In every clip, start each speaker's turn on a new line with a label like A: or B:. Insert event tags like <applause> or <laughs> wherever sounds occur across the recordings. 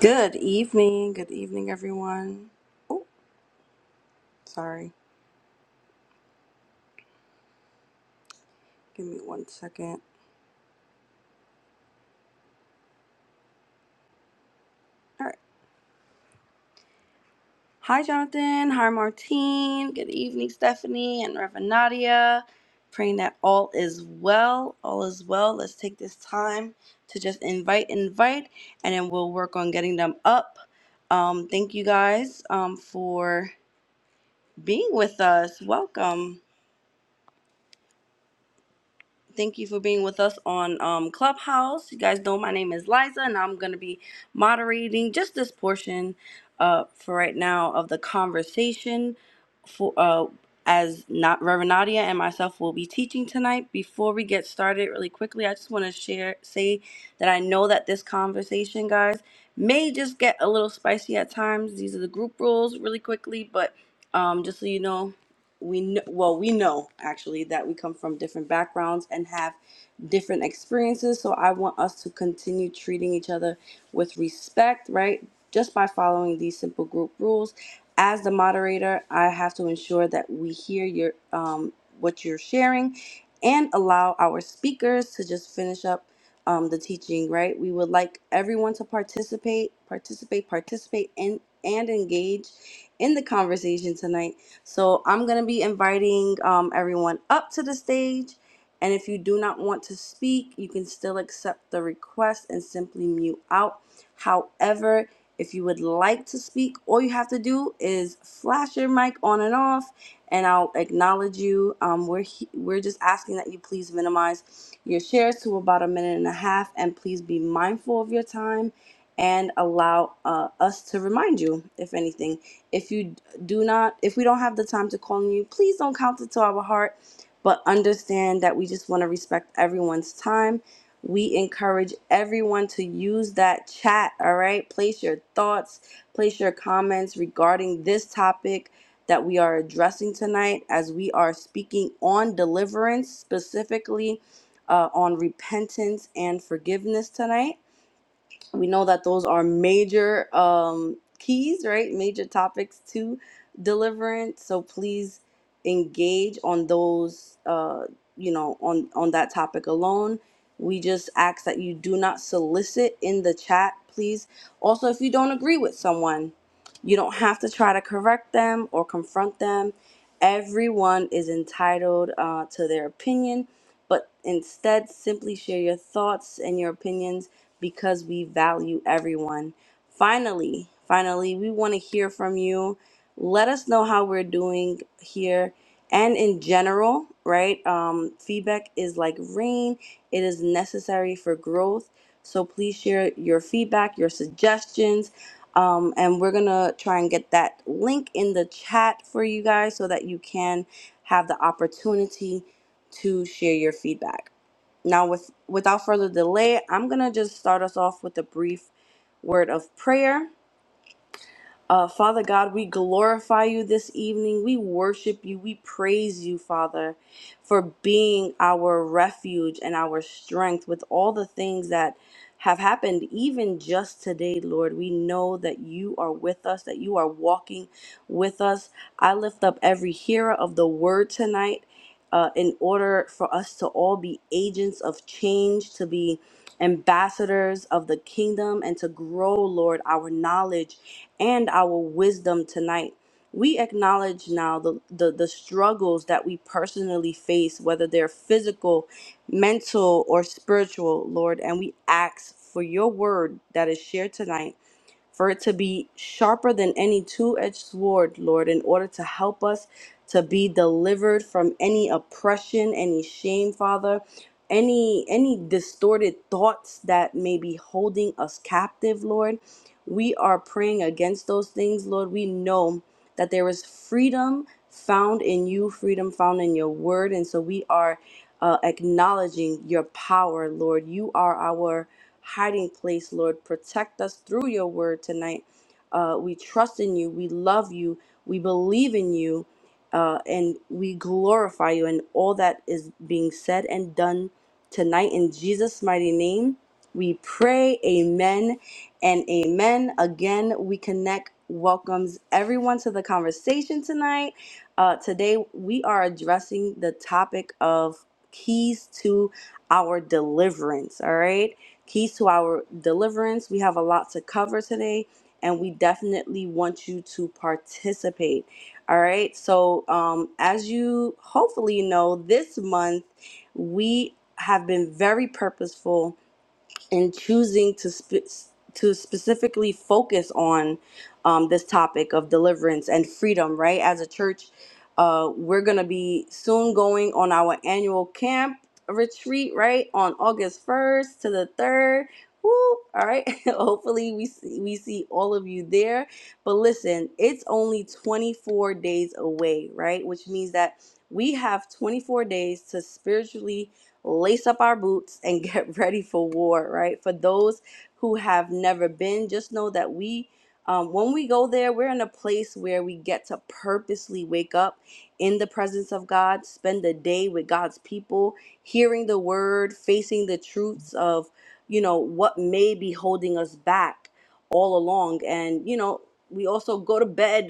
A: Good evening. Good evening, everyone. Oh, sorry. Give me one second. All right. Hi, Jonathan. Hi, Martine. Good evening, Stephanie and Reverend Nadia. Praying that all is well. All is well. Let's take this time to just invite, invite, and then we'll work on getting them up. Um, thank you guys um, for being with us. Welcome. Thank you for being with us on um, Clubhouse. You guys know my name is Liza, and I'm going to be moderating just this portion uh, for right now of the conversation. For uh, as not Reverend Nadia and myself will be teaching tonight. Before we get started, really quickly, I just want to share say that I know that this conversation, guys, may just get a little spicy at times. These are the group rules, really quickly, but um, just so you know, we know, well, we know actually that we come from different backgrounds and have different experiences. So I want us to continue treating each other with respect, right? Just by following these simple group rules. As the moderator, I have to ensure that we hear your um, what you're sharing and allow our speakers to just finish up um, the teaching, right? We would like everyone to participate, participate, participate, and and engage in the conversation tonight so I'm going to be inviting um, everyone up to the stage. And if you do not want to speak, you can still accept the request and simply mute out. However, if you would like to speak, all you have to do is flash your mic on and off, and I'll acknowledge you. Um, we're he- we're just asking that you please minimize your shares to about a minute and a half, and please be mindful of your time, and allow uh, us to remind you if anything. If you do not, if we don't have the time to call on you, please don't count it to our heart, but understand that we just want to respect everyone's time. We encourage everyone to use that chat, all right? Place your thoughts, place your comments regarding this topic that we are addressing tonight as we are speaking on deliverance, specifically uh, on repentance and forgiveness tonight we know that those are major um, keys, right? Major topics to deliverance. So please engage on those, uh, you know, on on that topic alone. We just ask that you do not solicit in the chat, please. Also, if you don't agree with someone, you don't have to try to correct them or confront them. Everyone is entitled uh, to their opinion, but instead simply share your thoughts and your opinions because we value everyone. Finally, finally, we want to hear from you. Let us know how we're doing here and in general, right? Um, feedback is like rain, it is necessary for growth. So please share your feedback, your suggestions. Um, and we're going to try and get that link in the chat for you guys so that you can have the opportunity to share your feedback. Now, with without further delay, I'm gonna just start us off with a brief word of prayer, uh, Father God, we glorify you this evening. We worship you. We praise you, Father, for being our refuge and our strength with all the things that have happened, even just today, Lord. We know that you are with us, that you are walking with us. I lift up every hearer of the word tonight uh, in order for us to all be agents of change, to be ambassadors of the kingdom, and to grow, Lord, our knowledge and our wisdom tonight. We acknowledge now the, the, the struggles that we personally face, whether they're physical, mental, or spiritual, Lord, and we ask for your word that is shared tonight for it to be sharper than any two edged sword, Lord, in order to help us to be delivered from any oppression, any shame, Father. Any any distorted thoughts that may be holding us captive, Lord, we are praying against those things, Lord. We know that there is freedom found in you, freedom found in your word, and so we are uh, acknowledging your power, Lord. You are our hiding place, Lord. Protect us through your word tonight. Uh, we trust in you. We love you. We believe in you. Uh, and we glorify you and all that is being said and done tonight. In Jesus' mighty name, we pray. Amen and amen. Again, we connect welcomes everyone to the conversation tonight. Uh, today, we are addressing the topic of keys to our deliverance. All right keys to our deliverance. We have a lot to cover today, and we definitely want you to participate. All right. So, um, as you hopefully know, this month we have been very purposeful and choosing to spe- to specifically focus on um, this topic of deliverance and freedom, right? As a church, uh, we're gonna be soon going on our annual camp retreat, right, on August first to the third. Woo! All right. <laughs> Hopefully, we see, we see all of you there. But listen, it's only 24 days away, right? Which means that we have 24 days to spiritually lace up our boots, and <laughs> get ready for war, right? For those who have never been, just know that we, um, when we go there, we're in a place where we get to purposely wake up in the presence of God, spend a day with God's people, hearing the word, facing the truths of, you know, what may be holding us back all along. And, you know, we also go to bed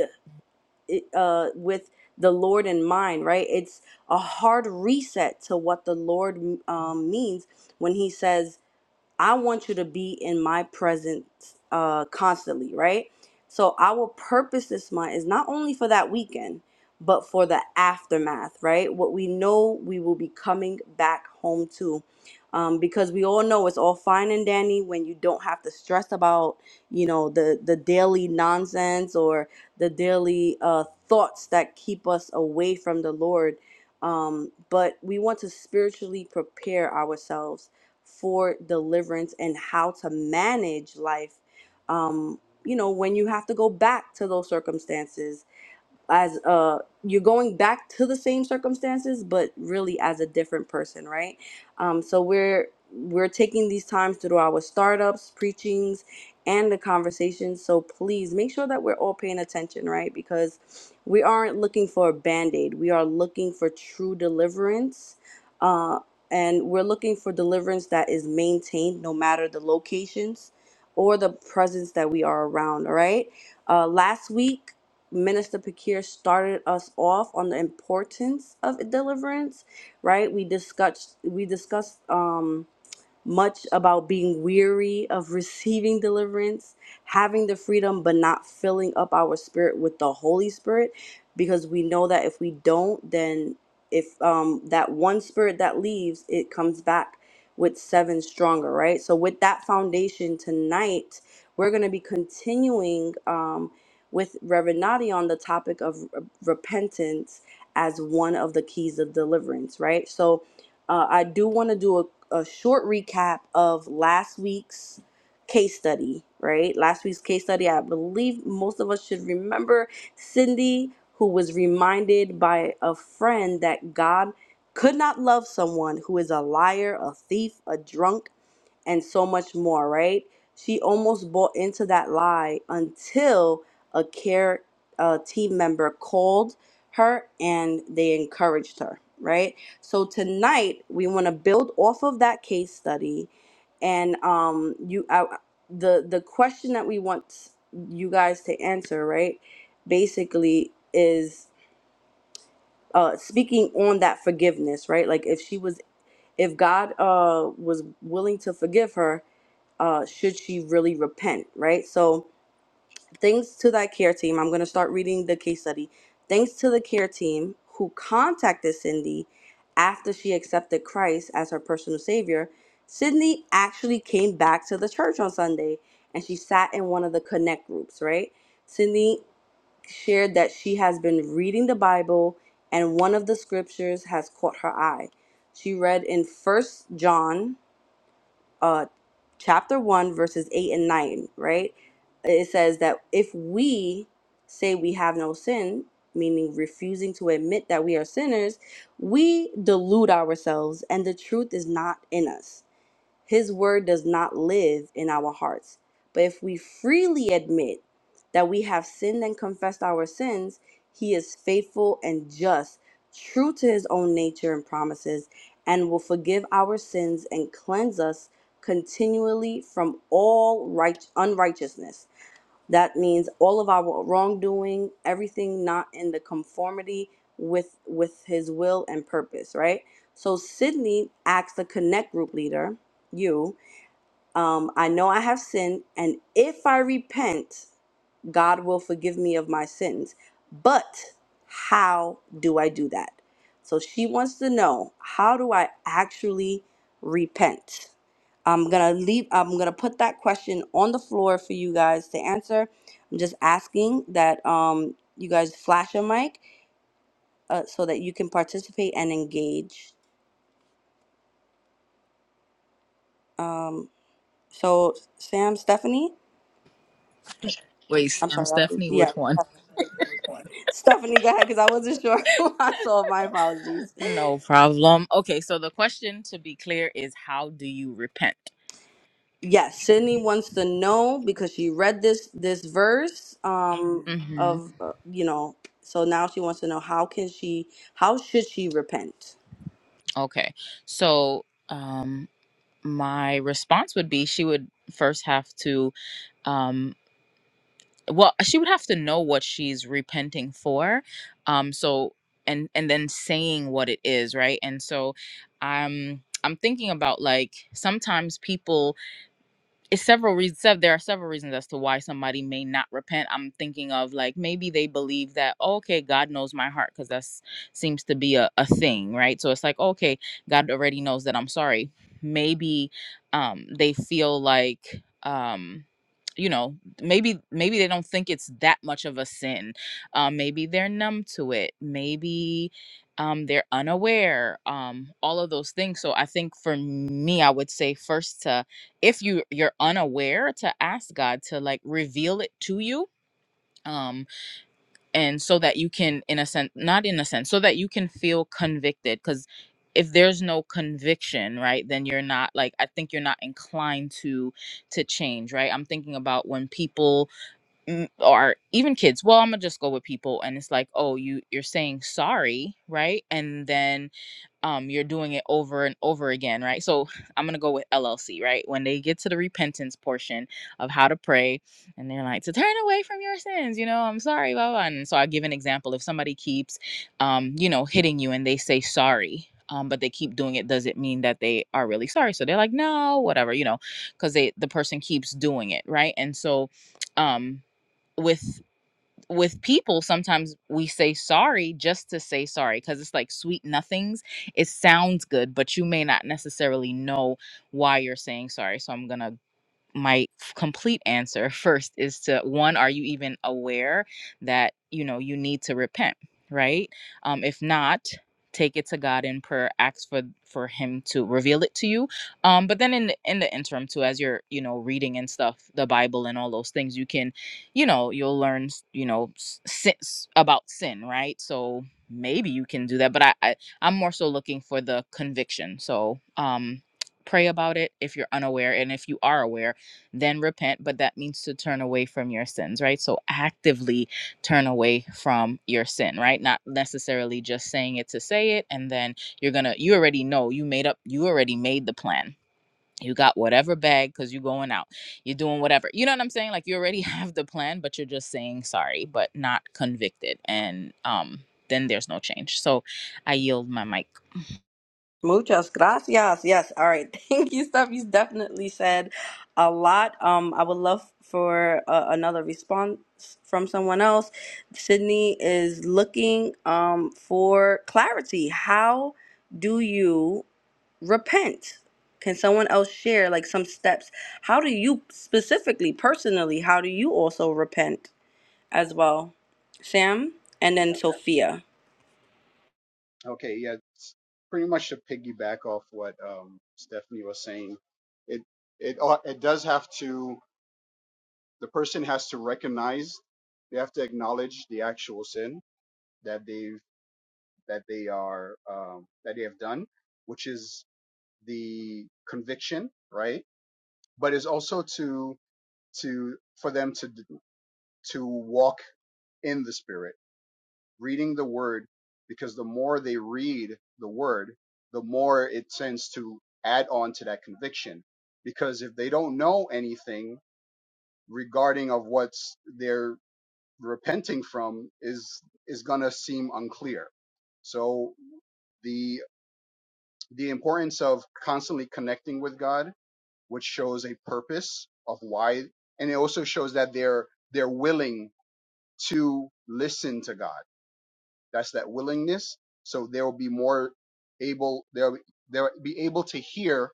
A: uh, with the Lord in mind, right? It's a hard reset to what the Lord um, means when He says I want you to be in my presence uh, constantly, right? So our purpose this month is not only for that weekend, but for the aftermath, right? What we know we will be coming back home to. Um, because we all know it's all fine and dandy when you don't have to stress about, you know, the the daily nonsense or the daily uh, thoughts that keep us away from the Lord. Um, but we want to spiritually prepare ourselves for deliverance and how to manage life um, you know when you have to go back to those circumstances as uh you're going back to the same circumstances but really as a different person right um so we're we're taking these times through our startups preachings and the conversations so please make sure that we're all paying attention right because we aren't looking for a band-aid we are looking for true deliverance uh and we're looking for deliverance that is maintained no matter the locations or the presence that we are around all right uh last week Minister Pakir started us off on the importance of deliverance, right? We discussed we discussed um much about being weary of receiving deliverance, having the freedom, but not filling up our spirit with the Holy Spirit, because we know that if we don't, then if um, that one spirit that leaves, it comes back with seven stronger, right? So, with that foundation tonight, we're going to be continuing um, with Reverend Nadi on the topic of r- repentance as one of the keys of deliverance, right? So, uh, I do want to do a a short recap of last week's case study, right? Last week's case study, I believe most of us should remember Cindy, who was reminded by a friend that God could not love someone who is a liar, a thief, a drunk, and so much more, right? She almost bought into that lie until a care uh, team member called her and they encouraged her, right? So tonight we want to build off of that case study, and um, you I, the the question that we want you guys to answer, right? Basically, is uh, speaking on that forgiveness, right? Like if she was, if God uh, was willing to forgive her, uh, should she really repent, right? So, thanks to that care team, I'm going to start reading the case study. Thanks to the care team who contacted Cindy after she accepted Christ as her personal savior, Sydney actually came back to the church on Sunday and she sat in one of the connect groups, right? Sydney shared that she has been reading the Bible and one of the scriptures has caught her eye. She read in First John uh, chapter 1, verses 8 and 9, right? It says that if we say we have no sin, meaning refusing to admit that we are sinners, we delude ourselves and the truth is not in us his word does not live in our hearts. But if we freely admit that we have sinned and confessed our sins, he is faithful and just, true to his own nature and promises, and will forgive our sins and cleanse us continually from all right, unrighteousness. That means all of our wrongdoing, everything not in the conformity with with his will and purpose, right? So Sydney asked the connect group leader, you, um, I know I have sinned, and if I repent, God will forgive me of my sins. But how do I do that? So she wants to know how do I actually repent? I'm gonna leave. I'm gonna put that question on the floor for you guys to answer. I'm just asking that um, you guys flash a mic uh, so that you can participate and engage. Um, so Sam, Stephanie,
B: Wait,
A: I'm
B: Sam,
A: sorry. I,
B: Stephanie,
A: yeah,
B: which one?
A: Stephanie, thank you. Stephanie, go ahead because I wasn't sure <laughs> who I saw. My apologies.
B: No problem. Okay, so the question to be clear is how do you repent?
A: Yes, Sydney wants to know because she read this this verse um
B: hmm
A: of uh, you know, so now she wants to know how can she how should she repent?
B: Okay, so um, my response would be she would first have to, um, well, she would have to know what she's repenting for. Um, so and and then saying what it is, right? And so, I'm I'm thinking about like sometimes people it's several reasons there are several reasons as to why somebody may not repent i'm thinking of like maybe they believe that "Oh, okay god knows my heart because that seems to be a, a thing right so it's like okay god already knows that i'm sorry maybe um they feel like um you know maybe maybe they don't think it's that much of a sin uh, maybe they're numb to it maybe um, they're unaware um, all of those things so i think for me i would say first to if you you're unaware to ask god to like reveal it to you um and so that you can in a sense not in a sense so that you can feel convicted because if there's no conviction right then you're not like i think you're not inclined to to change right i'm thinking about when people mm, or even kids well i'm gonna just go with people and it's like oh you you're saying sorry right and then um you're doing it over and over again right so i'm gonna go with llc right when they get to the repentance portion of how to pray and they're like to turn away from your sins you know i'm sorry blah blah and so i give an example if somebody keeps um you know hitting you and they say sorry um, but they keep doing it does it mean that they are really sorry so they're like no whatever you know because they the person keeps doing it right and so um with with people sometimes we say sorry just to say sorry because it's like sweet nothings it sounds good but you may not necessarily know why you're saying sorry so i'm gonna my f- complete answer <laughs> first is to one are you even aware that you know you need to repent right um if not take it to god in prayer ask for for him to reveal it to you um but then in the, in the interim too as you're you know reading and stuff the bible and all those things you can you know you'll learn you know s- sin, about sin right so maybe you can do that but I, I i'm more so looking for the conviction so um pray about it if you're unaware and if you are aware then repent, but that means to turn away from your sins, right? So actively turn away from your sin, right? Not necessarily just saying it to say it, and then you're gonna, you already know, you made up, you already made the plan. You got whatever bag because you're going out, you're doing whatever. You know what I'm saying? Like you already <laughs> have the plan, but you're just saying sorry, but not convicted. And um, then there's no change. So I yield my mic.
A: Muchas gracias. Yes. All right. <laughs> Thank you, Steph. You definitely said a lot. Um, I would love for uh, another response from someone else. Sydney is looking um for clarity. How do you repent can someone else share like some steps how do you specifically personally how do you also repent as well sam and then
C: Yeah.
A: sophia
C: Okay. Yeah. It's pretty much to piggyback off what um, Stephanie was saying, it it ought- it does have to the person has to recognize they have to acknowledge the actual sin that they've that they are um, that they have done, which is the conviction, right? But it's also to to for them to d- to walk in the spirit reading the word because the more they read the word, the more it tends to add on to that conviction. Because if they don't know anything regarding of what they're repenting from is is gonna seem unclear. So the the importance of constantly connecting with God, which shows a purpose of why and it also shows that they're they're willing to listen to God That's that willingness. So they will be more able, they'll, they'll be able to hear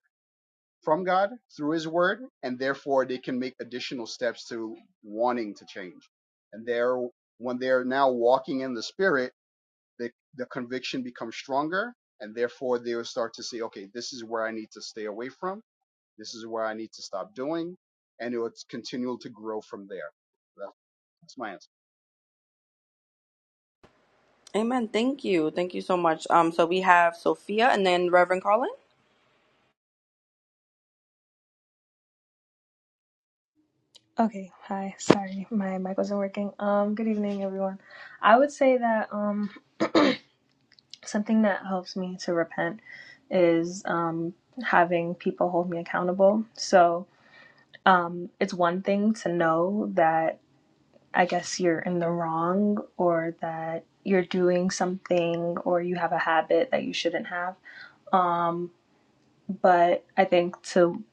C: from God through his word, and therefore they can make additional steps to wanting to change. And they're, when they're now walking in the spirit, the, the conviction becomes stronger, and therefore they will start to say, okay, this is where I need to stay away from. This is where I need to stop doing. And it will continue to grow from there. That's my answer.
A: amen thank you thank you so much um so we have sophia and then reverend carlin
D: Okay, hi. Sorry, my mic wasn't working. Um, good evening, everyone. I would say that um something that helps me to repent is um having people hold me accountable. So, um it's one thing to know that I guess you're in the wrong or that you're doing something or you have a habit that you shouldn't have. Um, but I think to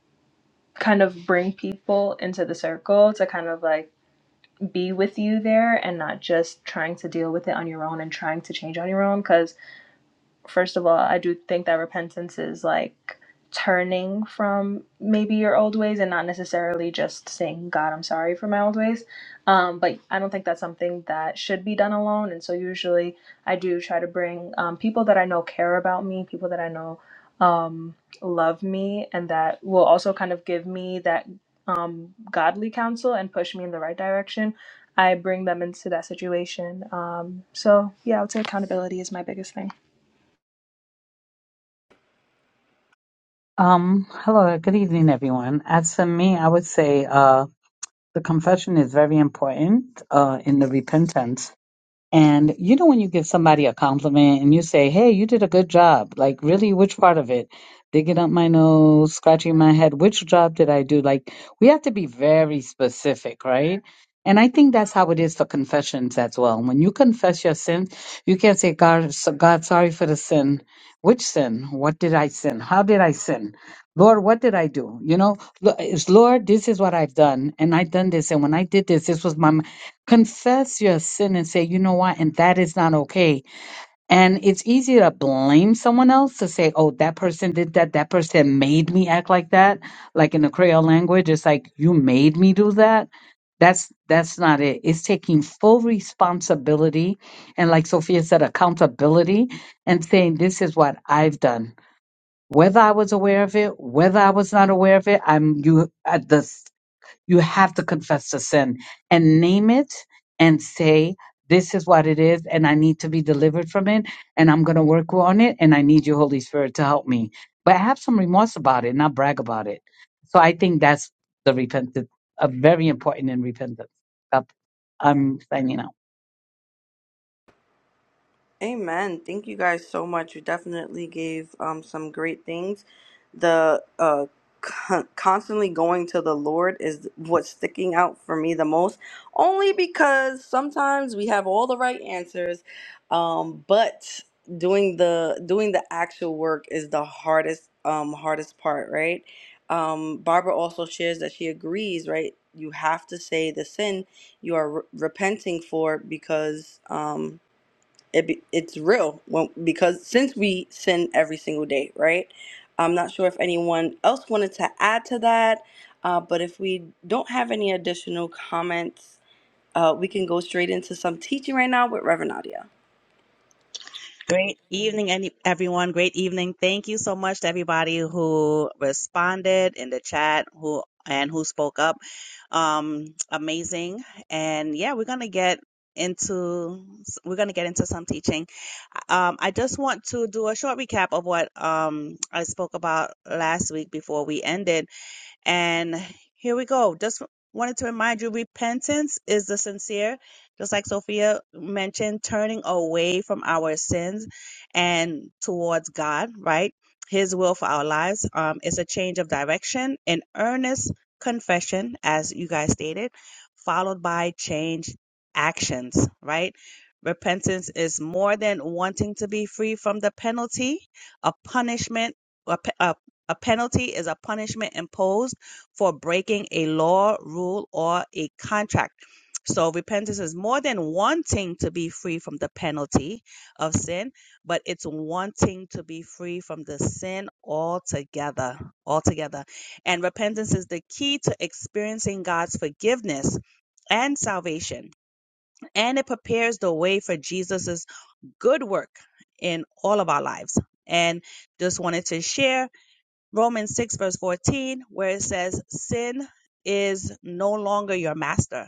D: kind of bring people into the circle to kind of like be with you there and not just trying to deal with it on your own and trying to change on your own because first of all, I do think that repentance is like turning from maybe your old ways and not necessarily just saying, God, I'm sorry for my old ways. Um, but I don't think that's something that should be done alone. And so usually I do try to bring um, people that I know care about me, people that I know um, love me, and that will also kind of give me that um, godly counsel and push me in the right direction. I bring them into that situation. Um, so yeah, I would say accountability is my biggest thing.
E: Um, hello, good evening, everyone. As for me, I would say uh, the confession is very important uh, in the repentance. And you know, when you give somebody a compliment and you say, Hey, you did a good job, like, really, which part of it? Digging up my nose, scratching my head, which job did I do? Like, we have to be very specific, right? And I think that's how it is for confessions as well. When you confess your sin, you can't say, God, so- God, sorry for the sin. Which sin? What did I sin? How did I sin? Lord, what did I do? You know, lo- it's, Lord, this is what I've done. And I've done this. And when I did this, this was my confess your sin and say, you know what, and that is not okay. And it's easy to blame someone else to say, oh, that person did that. That person made me act like that. Like in the Creole language, it's like you made me do that. That's that's not it. It's taking full responsibility and like Sophia said, accountability and saying this is what I've done. Whether I was aware of it, whether I was not aware of it, I'm you at the you have to confess the sin and name it and say, this is what it is, and I need to be delivered from it, and I'm going to work on it, and I need you, Holy Spirit, to help me. But have some remorse about it, not brag about it. So I think that's the repentance, a very important in repentance. Up, I'm signing out.
A: Amen. Thank you guys so much. You definitely gave um, some great things. The uh, con- constantly going to the Lord is what's sticking out for me the most, only because sometimes we have all the right answers, um, but doing the doing the actual work is the hardest um, hardest part, right? Um, Barbara also shares that she agrees, right? You have to say the sin you are re- repenting for because. Um, it be, it's real when, because since we sin every single day, right? I'm not sure if anyone else wanted to add to that, uh, but if we don't have any additional comments, uh, we can go straight into some teaching right now with Reverend Nadia.
F: Great evening, any- everyone. Great evening. Thank you so much to everybody who responded in the chat, who and who spoke up. Um, amazing. And yeah, we're gonna get into we're gonna get into some teaching. Um, I just want to do a short recap of what um I spoke about last week before we ended. And here we go. Just wanted to remind you repentance is the sincere, just like Sophia mentioned, turning away from our sins and towards God, right? His will for our lives. Um, it's a change of direction, an earnest confession, as you guys stated, followed by change actions, right? Repentance is more than wanting to be free from the penalty, a punishment, a, pe- a a penalty is a punishment imposed for breaking a law, rule, or a contract. So repentance is more than wanting to be free from the penalty of sin, but it's wanting to be free from the sin altogether, altogether. And repentance is the key to experiencing God's forgiveness and salvation, and it prepares the way for Jesus's good work in all of our lives. And just wanted to share Romans 6, verse 14, where it says, Sin is no longer your master,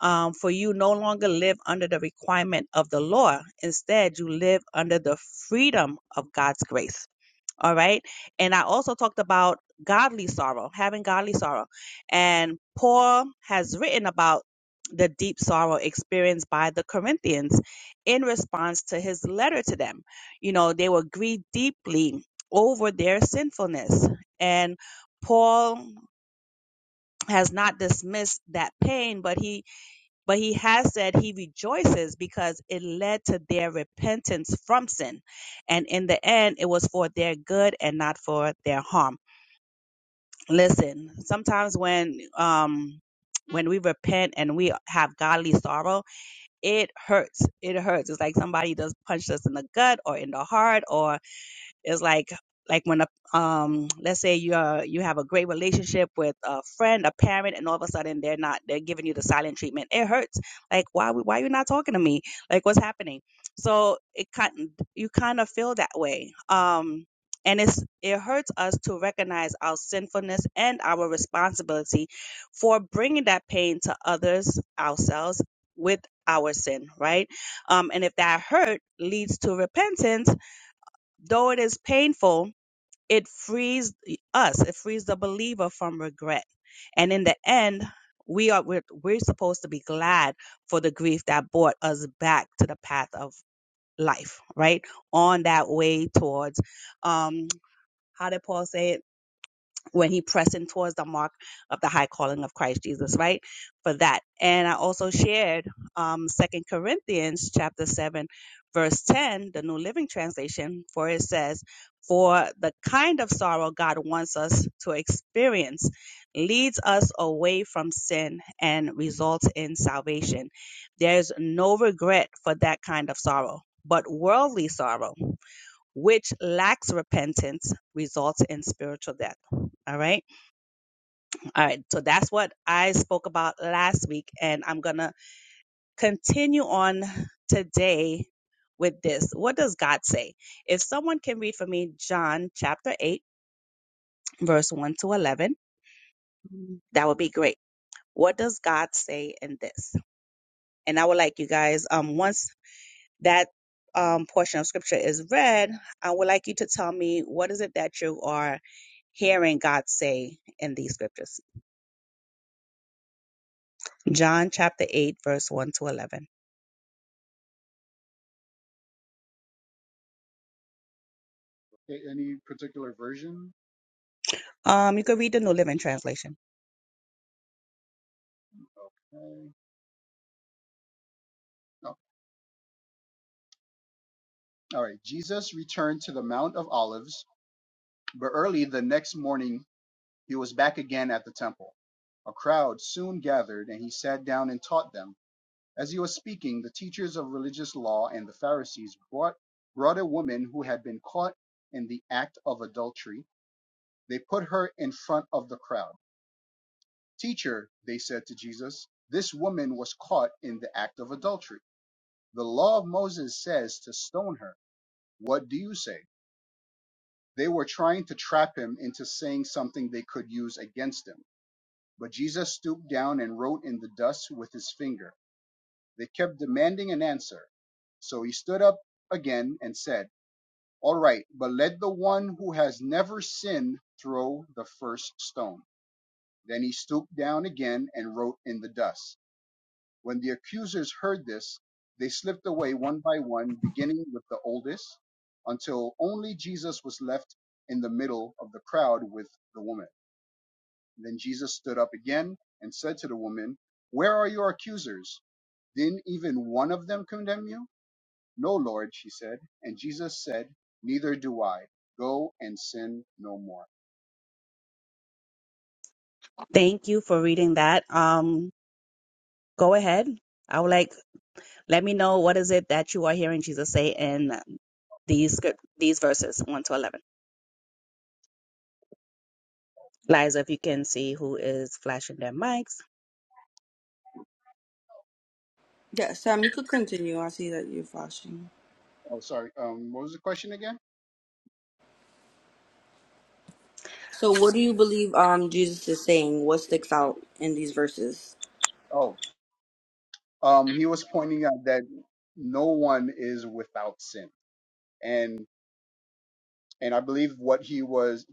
F: um, for you no longer live under the requirement of the law. Instead, you live under the freedom of God's grace. All right. And I also talked about godly sorrow, having godly sorrow. And Paul has written about the deep sorrow experienced by the Corinthians in response to his letter to them. You know, they were grieved deeply over their sinfulness. And Paul has not dismissed that pain, but he but he has said he rejoices because it led to their repentance from sin. And in the end, it was for their good and not for their harm. Listen, sometimes when, um, when we repent and we have godly sorrow, it hurts. It hurts. It's like somebody just punched us in the gut or in the heart, or. It's like like when a um let's say you are you have a great relationship with a friend, a parent, and all of a sudden they're not they're giving you the silent treatment. It hurts. Like why why are you not talking to me? Like what's happening? So it kind you kind of feel that way. Um and it's it hurts us to recognize our sinfulness and our responsibility for bringing that pain to others ourselves with our sin right um and if that hurt leads to repentance Though it is painful, it frees us, it frees the believer from regret. And in the end, we are we're, we're supposed to be glad for the grief that brought us back to the path of life, right? On that way towards um how did Paul say it? when he pressing towards the mark of the high calling of Christ Jesus, right? For that. And I also shared um Second Corinthians chapter seven, verse ten, the New Living Translation, for it says, For the kind of sorrow God wants us to experience leads us away from sin and results in salvation. There's no regret for that kind of sorrow, but worldly sorrow which lacks repentance results in spiritual death. All right. All right. So that's what I spoke about last week. And I'm going to continue on today with this. What does God say? If someone can read for me John chapter 8, verse 1 to 11, that would be great. What does God say in this? And I would like you guys, um, once that um, portion of scripture is read, I would like you to tell me what is it that you are hearing God say in these scriptures. John chapter 8, verse 1 to 11.
C: Okay, any particular version?
F: Um, you can read the New Living Translation.
C: Okay. All right. Jesus returned to the Mount of Olives, but early the next morning he was back again at the temple. A crowd soon gathered, and he sat down and taught them. As he was speaking, the teachers of religious law and the Pharisees brought, brought a woman who had been caught in the act of adultery. They put her in front of the crowd. Teacher, they said to Jesus, this woman was caught in the act of adultery. The law of Moses says to stone her. What do you say? They were trying to trap him into saying something they could use against him. But Jesus stooped down and wrote in the dust with his finger. They kept demanding an answer. So he stood up again and said, All right, but let the one who has never sinned throw the first stone. Then he stooped down again and wrote in the dust. When the accusers heard this, they slipped away one by one, beginning with the oldest, until only Jesus was left in the middle of the crowd with the woman. Then Jesus stood up again and said to the woman, Where are your accusers? Didn't even one of them condemn you? No, Lord, she said. And Jesus said, Neither do I. Go and sin no more.
F: Thank you for reading that. Um, go ahead. I would like, let me know what is it that you are hearing Jesus say in these script, these verses 1 to 11. Liza, if you can see who is flashing their mics.
A: Yeah, Sam, you could continue. I see that you're flashing.
C: Oh, sorry. Um, what was the question again?
A: So, what do you believe um, Jesus is saying? What sticks out in these verses?
C: Oh, um, he was pointing out that no one is without sin. and. and I believe what he was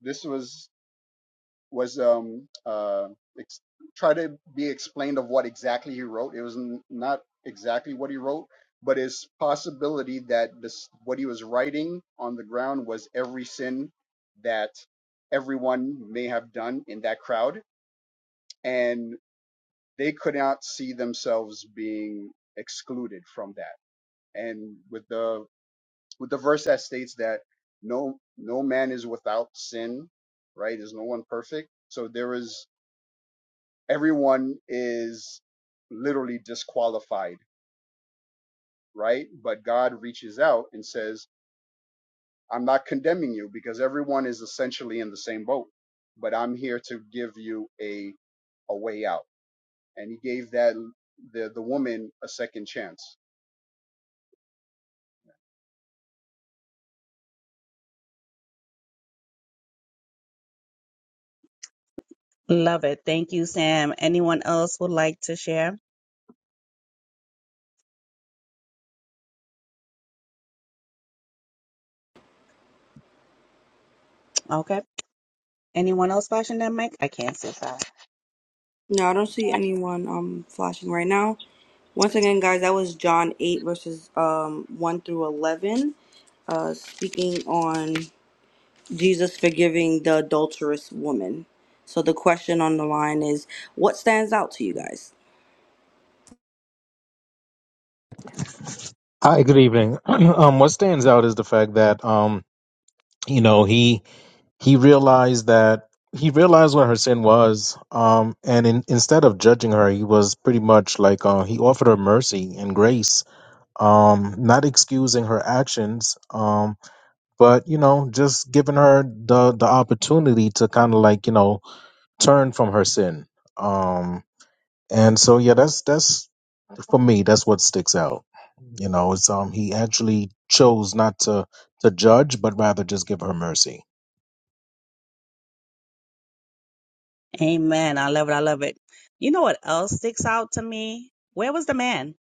C: this was was um uh ex- try to be explained of what exactly he wrote. It was n- not exactly what he wrote, but his possibility that this what he was writing on the ground was every sin that everyone may have done in that crowd, and they could not see themselves being excluded from that. And with the with the verse that states that no no man is without sin, right? There's no one perfect. So there is everyone is literally disqualified, right? But God reaches out and says, I'm not condemning you because everyone is essentially in the same boat, but I'm here to give you a a way out. And he gave that the the woman a second chance.
F: Love it. Thank you, Sam. Anyone else would like to share? Okay. Anyone else flashing their mic? I can't see. Sorry.
A: No, I don't see anyone um flashing right now. Once again, guys, that was John 8, verses um, 1 through 11, uh, speaking on Jesus forgiving the adulterous woman. So the question on the line is what stands out to you guys?
G: Hi, good evening. <clears throat> um, what stands out is the fact that um, you know he he realized that he realized what her sin was, um, and in, instead of judging her, he was pretty much like uh, he offered her mercy and grace, um, not excusing her actions, um, but you know just giving her the the opportunity to kind of like you know turn from her sin. Um, and so yeah, that's that's for me, that's what sticks out. You know, it's um he actually chose not to to judge, but rather just give her mercy.
F: Amen. I love it. I love it. You know what else sticks out to me? Where was the man?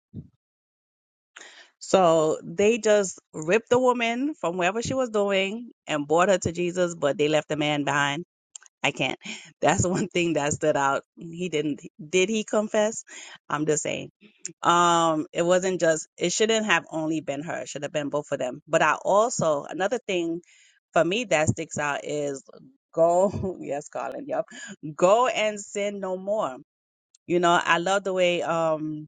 F: So they just ripped the woman from wherever she was doing and brought her to Jesus, but they left the man behind. I can't. <laughs> That's one thing that stood out. He didn't. Did he confess? I'm just saying. Um, it wasn't just. It shouldn't have only been her. It should have been both of them. But I also another thing for me that sticks out is go. <laughs> Yes, Colin. Yep. Go and sin no more you know, I love the way um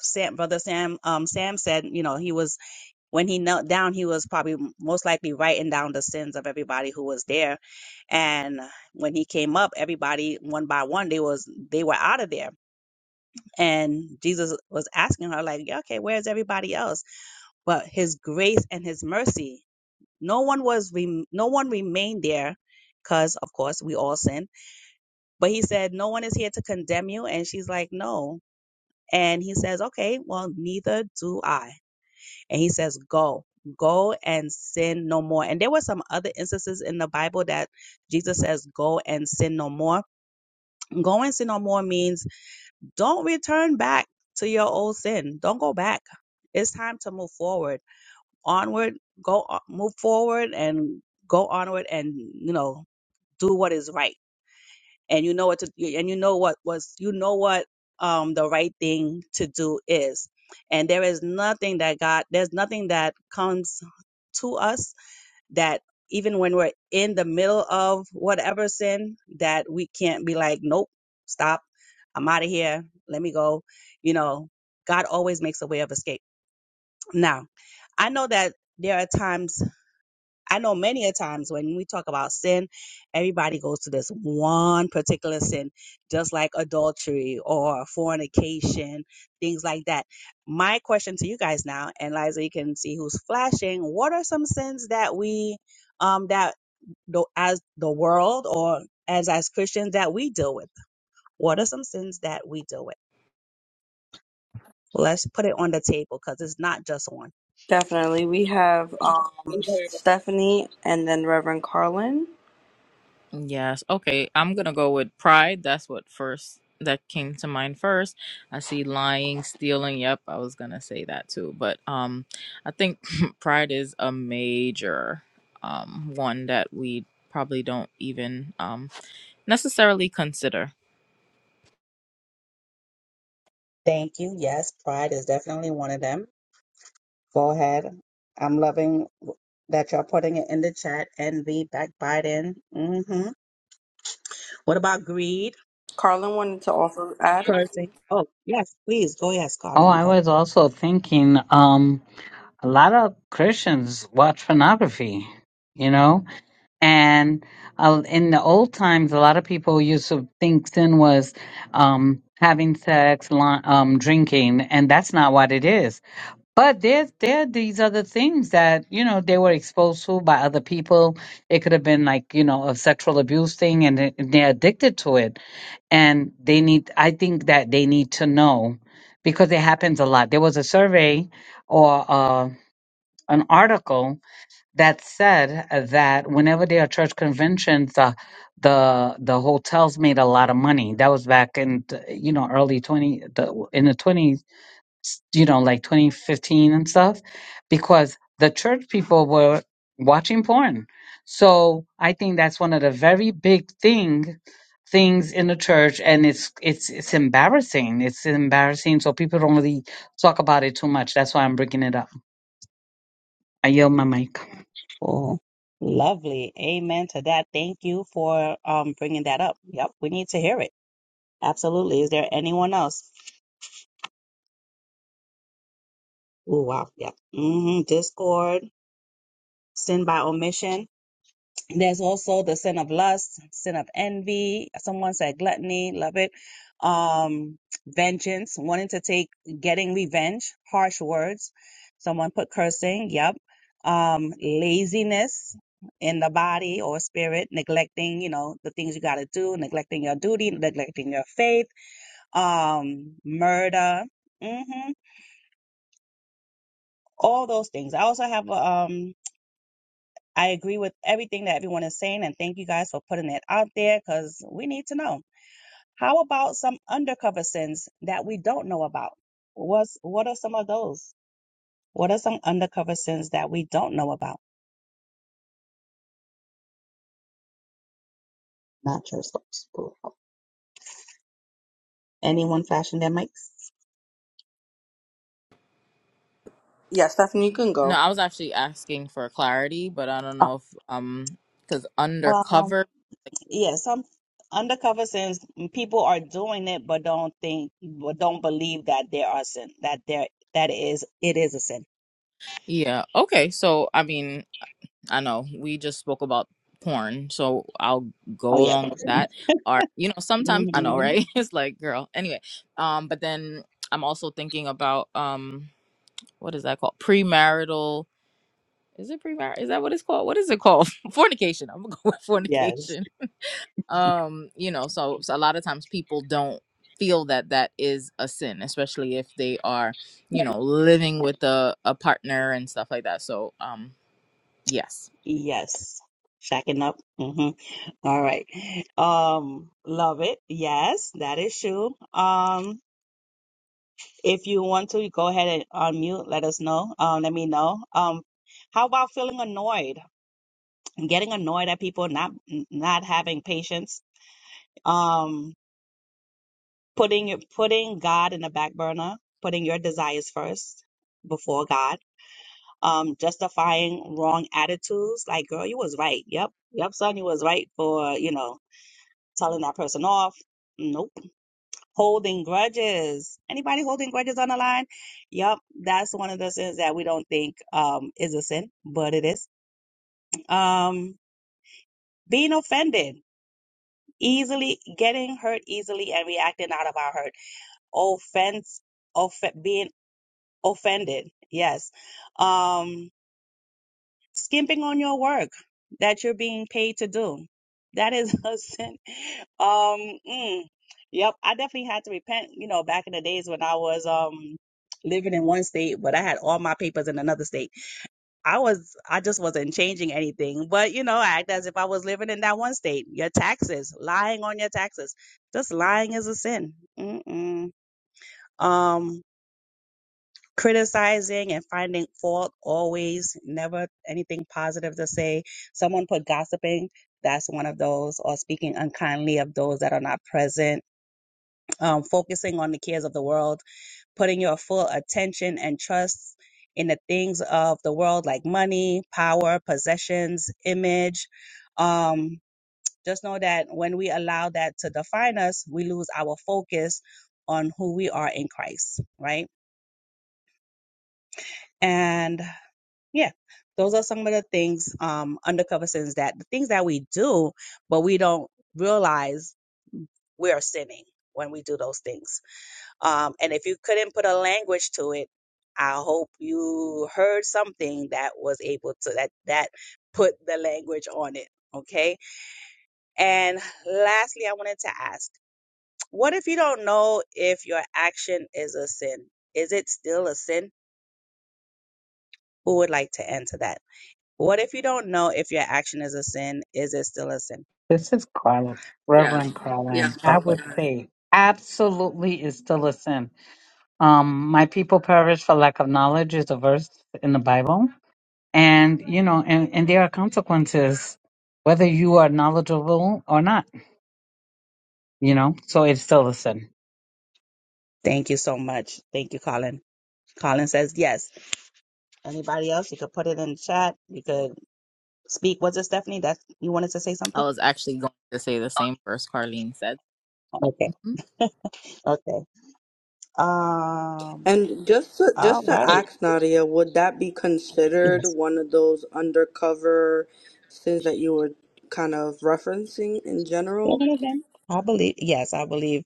F: Sam, brother Sam, um Sam said, you know, he was when he knelt down, he was probably most likely writing down the sins of everybody who was there. And when he came up, everybody one by one, they was they were out of there. And Jesus was asking her like, yeah, okay, where's everybody else? But his grace and his mercy, no one was rem- no one remained there because of course we all sin. But he said, no one is here to condemn you. And she's like, no, And he says, Okay, well, neither do I. And he says, Go, go and sin no more. And there were some other instances in the Bible that Jesus says, Go and sin no more. Go and sin no more means don't return back to your old sin. Don't go back. It's time to move forward, onward, go, on- move forward and go onward and, you know, do what is right and you know what to and you know what was you know what um the right thing to do is and there is nothing that god there's nothing that comes to us that even when we're in the middle of whatever sin that we can't be like nope stop i'm out of here let me go you know god always makes a way of escape now i know that there are times I know many a times when we talk about sin, everybody goes to this one particular sin, just like adultery or fornication, things like that. My question to you guys now, and Liza, you can see who's flashing. What are some sins that we, um, that the, as the world or as as Christians that we deal with? What are some sins that we deal with? Let's put it on the table because it's not just one.
A: Definitely. We have um, Stephanie and then Reverend Carlin.
B: Yes. Okay. I'm gonna go with pride. That's what first that came to mind first. I see lying, stealing. Yep, I was gonna say that too. But um, I think <laughs> <clears throat> pride is a major um one that we probably don't even um necessarily consider.
F: Thank you. Yes, pride is definitely one of them. Go ahead. I'm loving that you're putting it in the chat. Envy, backbiting. Mm-hmm. What about greed?
A: Carlin wanted to also add.
F: Cursing. Oh, yes, please. Go, yes,
E: Oh,
F: Colin.
E: I
F: Go.
E: was also thinking, um, a lot of Christians watch pornography, you know? And uh, in the old times, a lot of people used to think sin was um, having sex, li- um, drinking, and that's not what it is. But there, there are these other things that, you know, they were exposed to by other people. It could have been like, you know, a sexual abuse thing and they- they're addicted to it. And they need, I think that they need to know because it happens a lot. There was a survey or uh, an article that said uh, that whenever there are church conventions, uh, the the hotels made a lot of money. That was back in the, you know early twenty the in the twenties, you know, like twenty fifteen and stuff, because the church people were watching porn. So I think that's one of the very big thing things in the church, and it's it's it's embarrassing. It's embarrassing, so people don't really talk about it too much. That's why I'm bringing it up. I yield my mic.
F: Oh, lovely. Amen to that. Thank you for um bringing that up. Yep, we need to hear it. Absolutely. Is there anyone else? Oh, wow. Yep. Mm-hmm. Discord, sin by omission. There's also the sin of lust, sin of envy. Someone said gluttony, love it. Um, vengeance, wanting to take, getting revenge, harsh words. Someone put cursing, yep. Um, laziness in the body or spirit, neglecting, you know, the things you got to do, neglecting your duty, neglecting your faith, um, murder, hmm all those things. I also have, um, I agree with everything that everyone is saying, and thank you guys for putting that out there because we need to know. How about some undercover sins that we don't know about? What's, what are some of those? What are some undercover sins that we don't know about? Not your steps. pull out. Anyone flashing their mics?
A: Yeah, Stephanie, you can
B: No,
A: go.
B: I was actually asking for clarity, but I don't
F: Oh,
B: know if um because
F: Um,
B: undercover.
F: yeah, some undercover sins, mm, people are doing it but don't think but don't believe that there are sin, that there that is it is a sin.
B: Yeah. Okay. So I mean. I know we just spoke about porn, so I'll
F: Oh
B: go
F: yeah.
B: along with
F: that's- it.
B: that. Or you know, sometimes I know,
F: Mhm.
B: right? <laughs> It's like, girl. Anyway, um, but then I'm also thinking about um, what is that called? Premarital? Is it premarital? Is that what it's called? What is it called? <laughs> fornication. I'm gonna go with
F: Yes.
B: fornication. Um, you know, so, so a lot of times people don't feel that that is a sin, especially if they are, you know, living with a a partner and stuff like that. So, um, yes
F: Yes. Shacking up. hmm All right. Um, love it. Yes, that is true. Um, if you want to go ahead and unmute, let us know. Um, let me know. Um, how about feeling annoyed? Getting annoyed at people not not having patience. Um, putting your putting God in the back burner, putting your desires first before God. Um, justifying wrong attitudes. Like, girl, you was right. Yep. Yep, son, you was right for, you know, telling that person off. Nope. Holding grudges. Anybody holding grudges on the line? Yep, that's one of the sins that we don't think um is a sin, but it is. Um being offended, easily getting hurt easily and reacting out of our hurt. Offense, off being offended. Yes. Um skimping on your work that you're being paid to do. That is <laughs> a sin. Um, mm, yep, I definitely had to repent, you know, back in the days when I was um living in one state, but I had all my papers in another state. I was I just wasn't changing anything, but you know, I act as if I was living in that one state. Your taxes, lying on your taxes. Just lying is a sin. Mm-mm. Um criticizing and finding fault always never anything positive to say someone put gossiping that's one of those or speaking unkindly of those that are not present um, focusing on the cares of the world putting your full attention and trust in the things of the world like money power possessions image um, just know that when we allow that to define us we lose our focus on who we are in christ right and. Yeah, those are some of the things, um, undercover sins that the things that we do, but we don't realize we are sinning when we do those things. Um, and if you couldn't put a language to it, I hope you heard something that was able to that that put the language on it. Okay. And lastly, I wanted to ask, what if you don't know if your action is a sin? Is it still a sin? Who would like to answer that? What if you don't know if your action is a sin? Is it still a sin?
E: This is Carlin,
A: Yes.
E: Reverend Carlin.
A: Yes,
E: I
F: Okay.
E: would
A: Carlin.
E: say absolutely is still a sin. Um, my people perish for lack of knowledge is a verse in the Bible. And, you know, and, and there are consequences whether you are knowledgeable or not, you know, so it's still a sin.
F: Thank you so much. Thank you, Colin. Colin says yes. Anybody else? You could put it in the chat. You could speak. Was it Stephanie? That you wanted to say
B: I
F: something?
B: was actually going to say the same first Carlene said.
F: Okay.
B: Mhm.
F: Okay. Um.
A: And just to,
F: All
A: just to
F: right.
A: ask Nadia, would that be considered
F: Yes.
A: one of those undercover sins that you were kind of referencing in
F: It
A: general?
F: would have I believe. Yes, I believe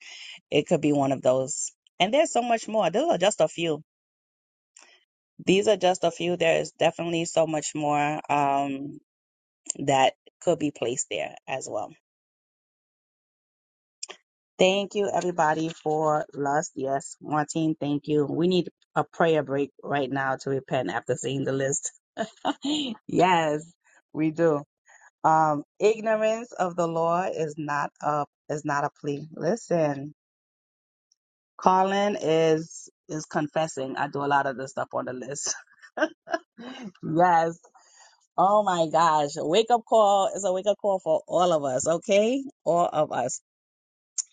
F: it could be one of those. And there's so much more. Those are just a few. These are just a few. There is definitely so much more um, that could be placed there as well. Thank you, everybody, for lust. Yes, Martine, thank you. We need a prayer break right now to repent after seeing the list. <laughs> yes, we do. Um, ignorance of the law is not a is not a plea. Listen, calling is is confessing. I do a lot of this stuff on the list. <laughs> yes. Oh my gosh. A wake up call is a wake up call for all of us, okay? All of us.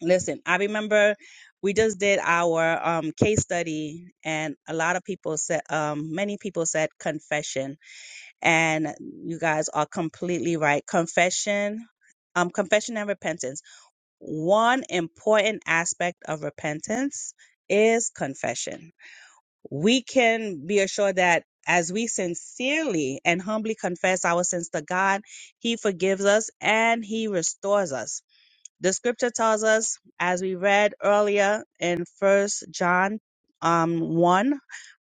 F: Listen, I remember we just did our um, case study, and a lot of people said, um, many people said confession, and you guys are completely right. Confession, um, confession and repentance. One important aspect of repentance is confession. We can be assured that as we sincerely and humbly confess our sins to God, He forgives us and He restores us the scripture tells us, as we read earlier in First John um, 1,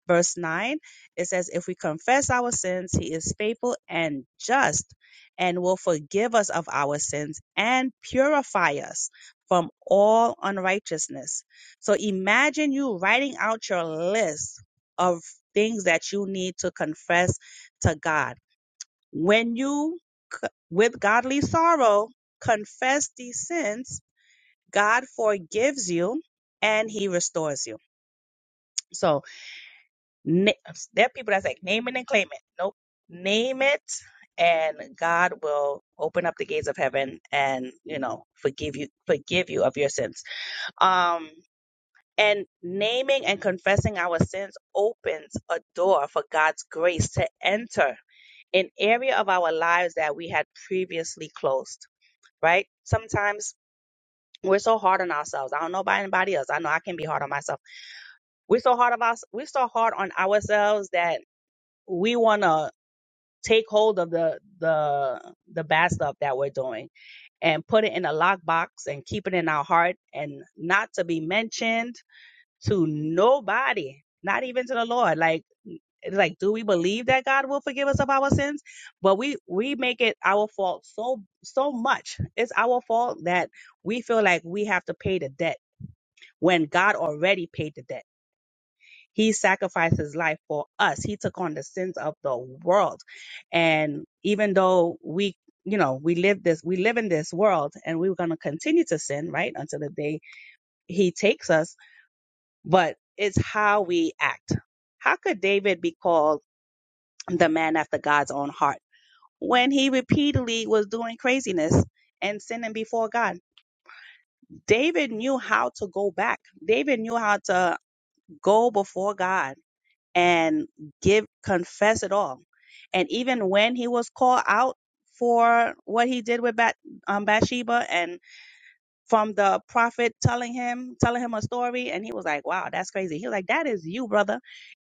F: verse 9, it says, If we confess our sins, he is faithful and just and will forgive us of our sins and purify us from all unrighteousness. So imagine you writing out your list of things that you need to confess to God. When you, c- with godly sorrow, confess these sins, God forgives you and he restores you. So na- there are people that's like name it and claim it. Nope. Name it and God will open up the gates of heaven and, you know, forgive you, forgive you of your sins. Um, and naming and confessing our sins opens a door for God's grace to enter an area of our lives that we had previously closed, right? Sometimes we're so hard on ourselves. I don't know about anybody else. I know I can be hard on myself We're so hard of us. We're so hard on ourselves that we want to take hold of the the the bad stuff that we're doing and put it in a lockbox and keep it in our heart and not to be mentioned to nobody, not even to the Lord. Like it's like, do we believe that God will forgive us of our sins? But we we make it our fault so so much. It's our fault that we feel like we have to pay the debt when God already paid the debt. He sacrificed his life for us. He took on the sins of the world. And even though we, you know, we live this, we live in this world and we're going to continue to sin, right? Until the day he takes us. But it's how we act. How could David be called the man after God's own heart when he repeatedly was doing craziness and sinning before God? David knew how to go back. David knew how to go before God and give confess it all. And even when he was called out for what he did with Bat, um, Bathsheba, and from the prophet telling him telling him a story, and he was like, "Wow, that's crazy." He was like, "That is you, brother.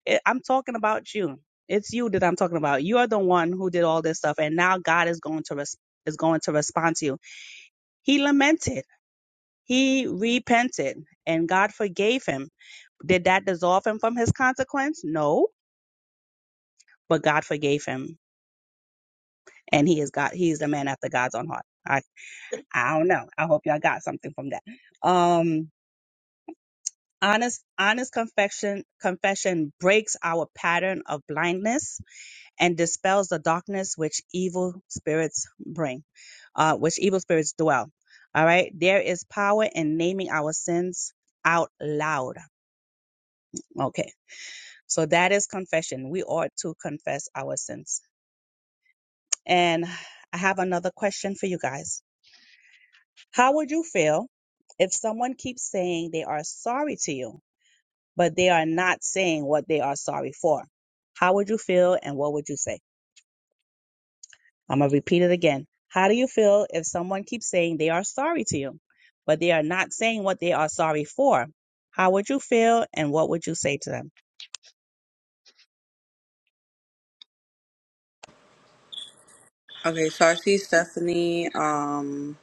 F: I- I'm talking about you. It's you that I'm talking about. You're the one who did all this stuff, and now God is going to res- is going to respond to you." He lamented. He repented, and God forgave him. Did that dissolve him from his consequence? No, but God forgave him and he is God. He's the man after God's own heart. I I don't know. I hope y'all got something from that. Um, honest honest confession confession breaks our pattern of blindness and dispels the darkness which evil spirits bring, uh, which evil spirits dwell. All right, there is power in naming our sins out loud. Okay, so that is confession. We ought to confess our sins. And I have another question for you guys How would you feel if someone keeps saying they are sorry to you, but they are not saying what they are sorry for? How would you feel and what would you say? I'm going to repeat it again. How do you feel if someone keeps saying they are sorry to you, but they are not saying what they are sorry for? How would you feel and what would you say to them?
A: Okay, so I see Stephanie. Um,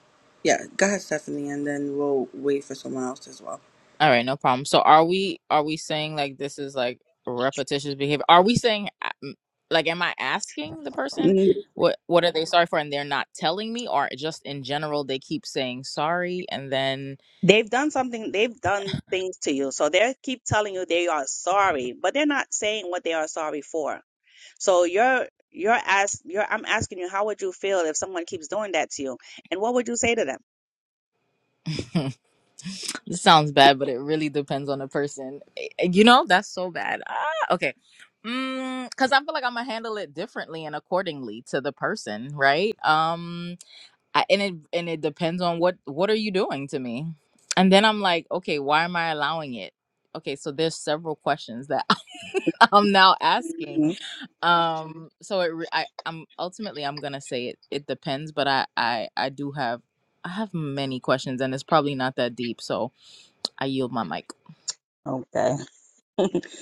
A: yeah, go ahead, Stephanie, and then we'll wait for someone else as well.
B: All right, no problem. So are we are we saying like this is like repetitious behavior? Are we saying um, like am I asking the person
F: Mm,
B: what what are they sorry for and they're not telling me or just in general they keep saying sorry and then
F: They've done something, they've done things to you. So they keep telling you they are sorry, but they're not saying what they are sorry for. So you're you're ask you're I'm asking you, how would you feel if someone keeps doing that to you? And what would you say to them?
B: <laughs> this sounds bad but it really depends on the person. Eh, eh, You know, that's so bad. Ah, okay. Mm, cuz I feel like I'm going to handle it differently and accordingly to the person, right? Um I, and it and it depends on what what are you doing to me and then i'm like okay why am i allowing it okay so there's several questions that <laughs> i'm now asking
F: Mhm.
B: um so it re- I, i'm ultimately i'm gonna say it it depends but i i i do have i have many questions and it's probably not that deep so i yield my mic
F: Okay. <laughs>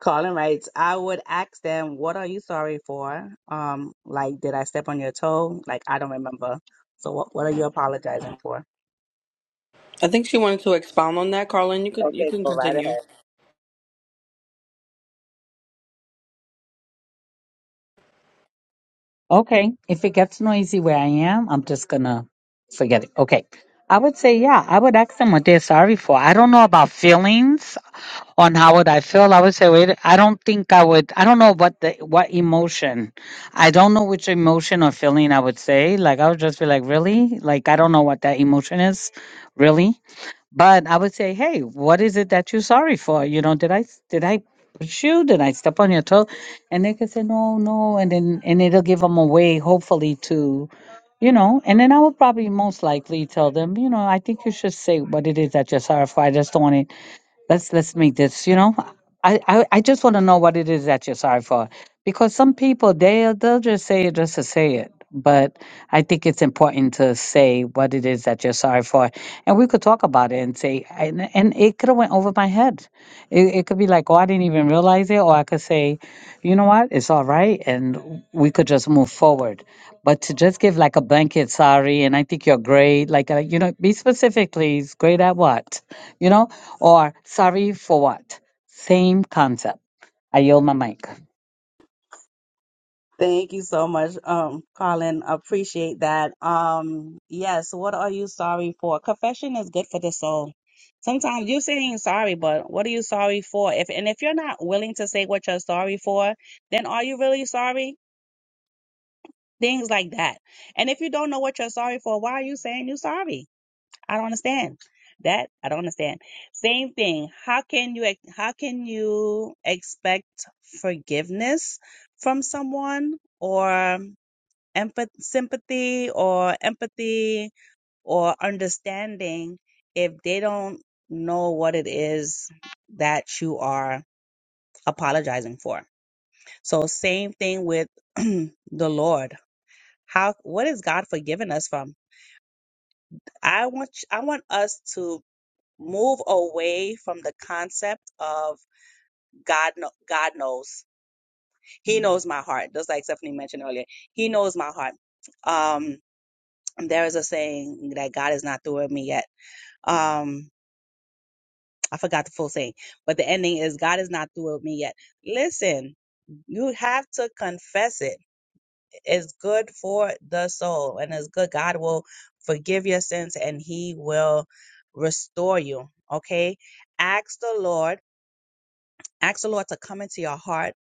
F: Colin writes, I would ask them, what are you sorry for? Um, like, did I step on your toe? Like, I don't remember. So what, what are you apologizing for?
A: I think she wanted to expound on that, Carlin. You could you
F: Okay,
A: can
F: go right ahead.
A: continue.
E: Okay. If it gets noisy where I am, I'm just gonna forget it. Okay. I would say, yeah, I would ask them what they're sorry for. I don't know about feelings on how would I feel. I would say, wait, I don't think I would, I don't know what the, what emotion. I don't know which emotion or feeling I would say. Like, I would just be like, really? Like, I don't know what that emotion is. Really? But I would say, hey, what is it that you're sorry for? You know, did I s- did I push you? Did I step on your toe? And they could say, no, no, and then and it'll give them a way, hopefully, to, you know. And then I would probably most likely tell them, you know, I think you should say what it is that you're sorry for. I just don't want it let's let's make this you know i i, I just want to know what it is that you're sorry for because some people they they'll just say it just to say it but i think it's important to say what it is that you're sorry for and we could talk about it and say and, and it could have went over my head it, it could be like oh i didn't even realize it or i could say you know what it's all right and we could just move forward but to just give like a blanket sorry and i think you're great like uh, you know be specific please great at what you know or sorry for what? Same concept. I yield my mic.
F: Thank you so much, um, Colin. Appreciate that. Um, yes, what are you sorry for? Confession is good for the soul. Sometimes you're saying sorry, but what are you sorry for? If and if you're not willing to say what you're sorry for, then are you really sorry? Things like that. And if you don't know what you're sorry for, why are you saying you're sorry? I don't understand. That I don't understand. Same thing. How can you ex- how can you expect forgiveness from someone or empath- sympathy or empathy or understanding if they don't know what it is that you are apologizing for. So same thing with <clears throat> the Lord. How what is God forgiving us from? I want ch- I want us to move away from the concept of God kno- God knows. He knows my heart. Just like Stephanie mentioned earlier. He knows my heart. Um there is a saying that God is not through with me yet Um, I forgot the full saying, but the ending is God is not through with me yet. Listen, you have to confess it. It's good for the soul and it's good. God will forgive your sins and he will restore you. Okay. Ask the Lord, ask the Lord to come into your heart,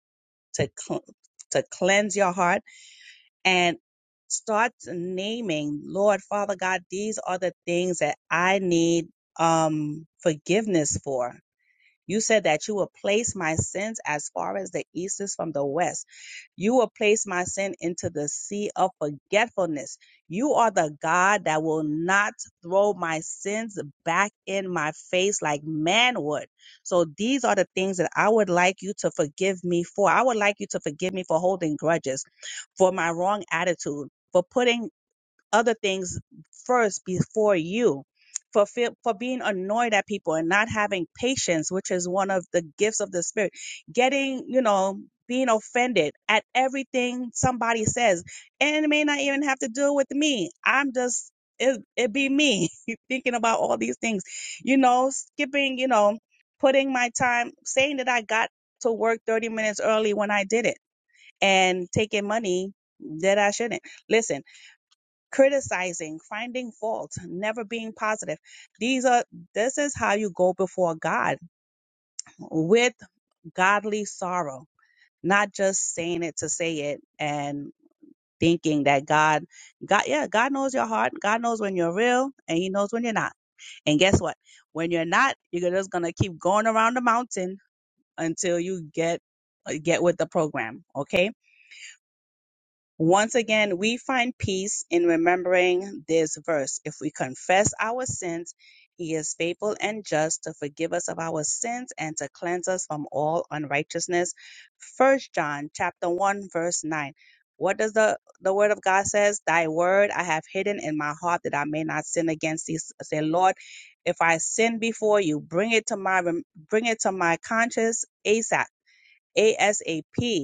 F: to, cl- to cleanse your heart and start naming, Lord, Father God, these are the things that I need um forgiveness for You said that you will place my sins as far as the east is from the west. You will place my sin into the sea of forgetfulness. You are the God that will not throw my sins back in my face like man would. So these are the things that I would like you to forgive me for. I would like you to forgive me for holding grudges, for my wrong attitude, for putting other things first before you for fe- for being annoyed at people and not having patience which is one of the gifts of the spirit getting you know being offended at everything somebody says and it may not even have to do with me i'm just it, it be me <laughs> thinking about all these things you know skipping you know putting my time saying that i got to work 30 minutes early when i did it and taking money that i shouldn't listen criticizing, finding fault, never being positive. These are this is how you go before God with godly sorrow, not just saying it to say it and thinking that God God yeah, God knows your heart. God knows when you're real and he knows when you're not. And guess what? When you're not, you're just going to keep going around the mountain until you get get with the program, okay? Once again, we find peace in remembering this verse. If we confess our sins, he is faithful and just to forgive us of our sins and to cleanse us from all unrighteousness. First John chapter 1 verse 9. What does the, the word of God says? Thy word I have hidden in my heart that I may not sin against thee. Say, Lord, if I sin before you, bring it to my rem- bring it to my conscience ASAP. ASAP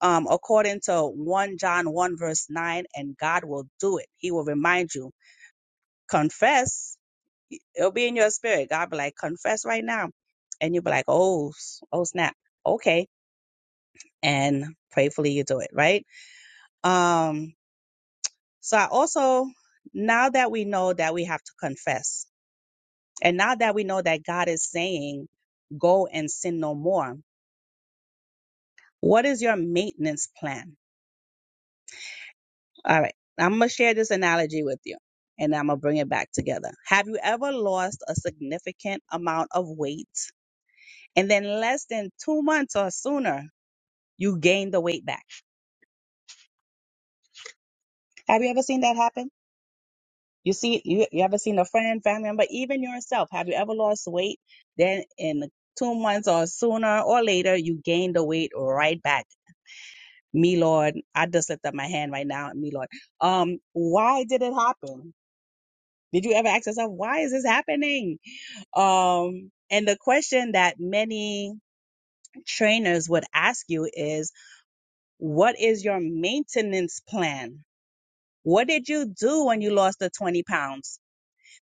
F: um, according to 1 John 1, verse 9, and God will do it. He will remind you, confess, it'll be in your spirit. God be like, confess right now. And you'll be like, oh, s- oh, snap. Okay. And prayfully you do it, right? Um, so I also, now that we know that we have to confess, and now that we know that God is saying, go and sin no more, what is your maintenance plan? All right. I'm going to share this analogy with you and I'm going to bring it back together. Have you ever lost a significant amount of weight and then less than two months or sooner, you gain the weight back? Have you ever seen that happen? You see, you, you ever seen a friend, family member, even yourself? Have you ever lost weight? Then in two months or sooner or later, you gain the weight right back. Me, Lord, I just lift up my hand right now. Me, Lord. Um, why did it happen? Did you ever ask yourself, why is this happening? Um, and the question that many trainers would ask you is, what is your maintenance plan? What did you do when you lost the 20 pounds?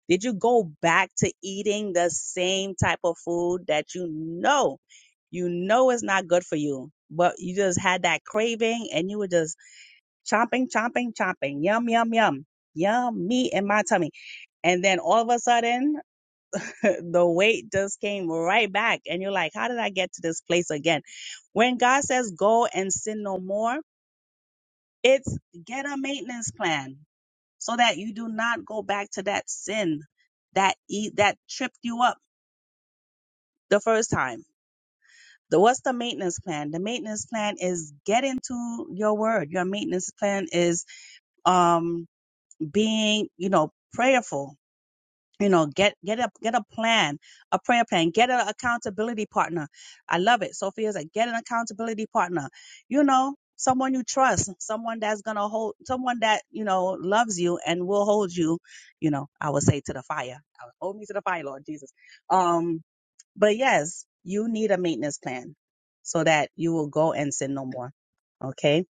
F: Did you go back to eating the same type of food that you know, you know is not good for you, but you just had that craving and you were just chomping, chomping, chomping, yum, yum, yum, yummy in my tummy. And then all of a sudden <laughs> the weight just came right back. And you're like, how did I get to this place again? When God says go and sin no more, it's get a maintenance plan so that you do not go back to that sin that e- that tripped you up the first time. The, what's the maintenance plan? The maintenance plan is get into your word. Your maintenance plan is um being, you know, prayerful you know get get a get a plan a prayer plan get an accountability partner i love it sophia's like get an accountability partner you know someone you trust someone that's gonna hold someone that you know loves you and will hold you you know i would say to the fire hold me to the fire lord jesus um but yes you need a maintenance plan so that you will go and sin no more okay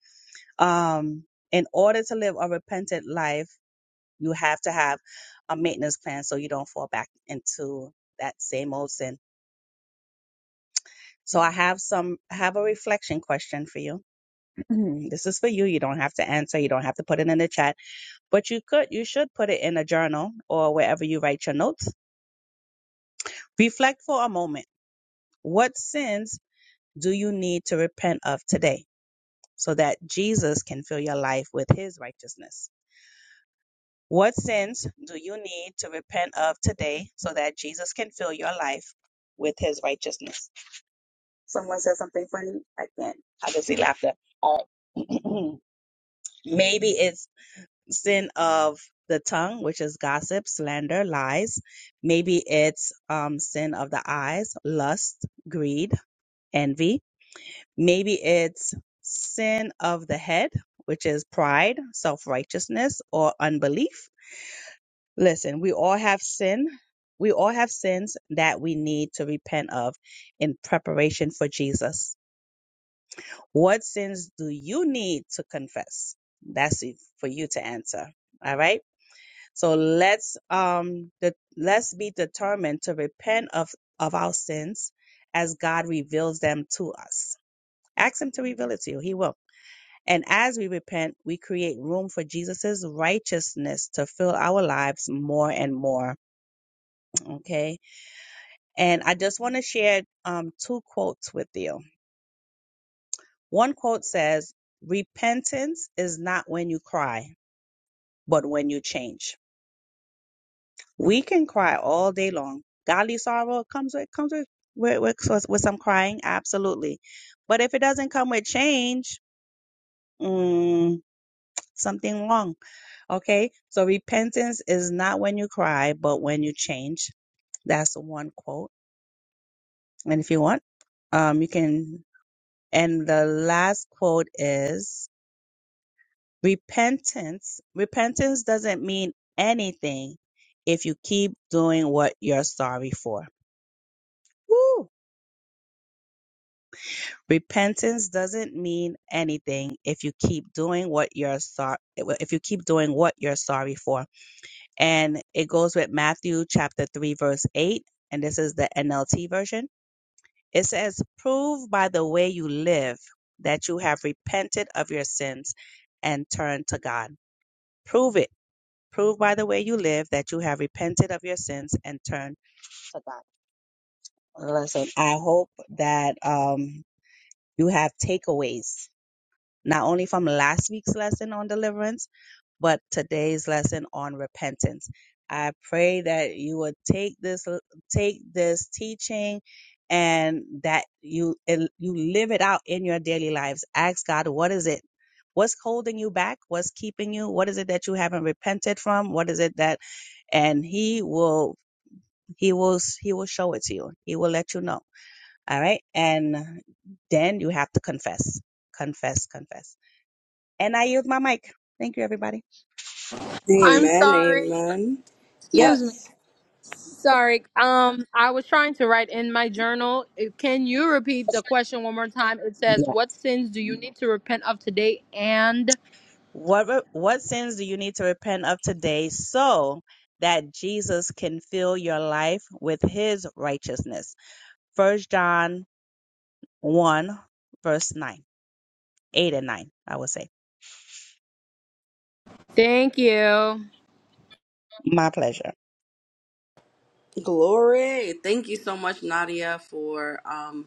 F: um in order to live a repentant life you have to have a maintenance plan so you don't fall back into that same old sin. So I have some I have a reflection question for you. <clears throat> this is for you. You don't have to answer. You don't have to put it in the chat, but you could you should put it in a journal or wherever you write your notes. Reflect for a moment. What sins do you need to repent of today so that Jesus can fill your life with his righteousness? What sins do you need to repent of today so that Jesus can fill your life with his righteousness? Someone said something funny. I can't. I can see laughter. All right. <clears throat> Maybe it's sin of the tongue, which is gossip, slander, lies. Maybe it's um, sin of the eyes, lust, greed, envy. Maybe it's sin of the head, which is pride, self righteousness, or unbelief Listen, we all have sin. We all have sins that we need to repent of in preparation for Jesus. What sins do you need to confess? That's it for you to answer. All right. So let's um the, let's be determined to repent of of our sins as God reveals them to us. Ask Him to reveal it to you. He will. And as we repent, we create room for Jesus' righteousness to fill our lives more and more. Okay And I just want to share um, two quotes with you. One quote says, Repentance is not when you cry, but when you change. We can cry all day long. Godly sorrow comes with comes with with, with, with some crying, absolutely. But if it doesn't come with change, mm, something wrong. Okay, so repentance is not when you cry, but when you change. That's one quote. And if you want, um, you can. And the last quote is repentance. Repentance doesn't mean anything if you keep doing what you're sorry for. Woo! Repentance doesn't mean anything if you keep doing what you're sorry if you keep doing what you're sorry for. And it goes with Matthew chapter 3 verse 8 and this is the NLT version. It says prove by the way you live that you have repented of your sins and turned to God. Prove it. Prove by the way you live that you have repented of your sins and turned to God. Listen, I hope that um, you have takeaways, not only from last week's lesson on deliverance, but today's lesson on repentance. I pray that you would take this take this teaching and that you and you live it out in your daily lives. Ask God, what is it? What's holding you back? What's keeping you? What is it that you haven't repented from? What is it that and he will he will he will show it to you he will let you know all right and then you have to confess confess confess and i yield my mic thank you everybody
H: I'm
A: Amen.
H: sorry.
A: Amen.
H: Excuse me.
A: Yes.
H: Sorry. Um, I was trying to write in my journal. Uh, Can you repeat the question one more time? It says,
F: yeah
H: "What sins do you need to repent of today?" And
F: what what sins do you need to repent of today so that jesus can fill your life with his righteousness first john 1 verse 9 8 and 9 i would say
H: thank you.
F: my pleasure
A: Glory. Thank you so much, Nadia, for um,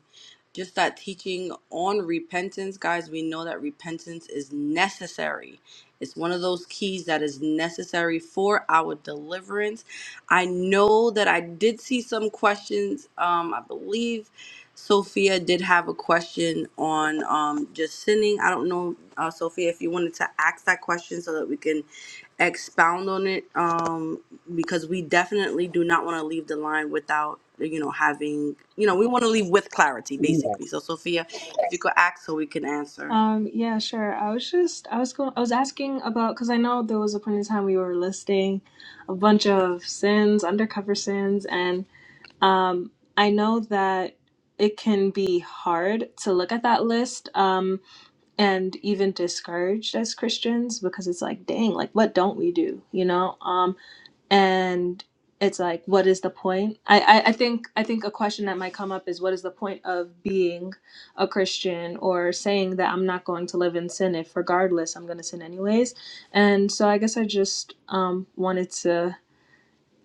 A: just that teaching on repentance. Guys, we know that repentance is necessary. It's one of those keys that is necessary for our deliverance. I know that I did see some questions. Um, I believe Sophia did have a question on um, just sinning. I don't know, uh, Sophia, if you wanted to ask that question so that we can expound on it um, because we definitely do not want to leave the line without you know having you know we want to leave with clarity basically
F: yes
A: so sophia if you could ask so we can answer
D: Um, yeah, sure. I was just, I was going, I was asking about, because I know there was a point in time we were listing a bunch of sins, undercover sins, and um, I know that it can be hard to look at that list um, and even discouraged as Christians because it's like, dang, like what don't we do, you know? Um, and it's like what is the point I, I i think i think a question that might come up is what is the point of being a christian or saying that i'm not going to live in sin if regardless i'm going to sin anyways and so i guess i just um wanted to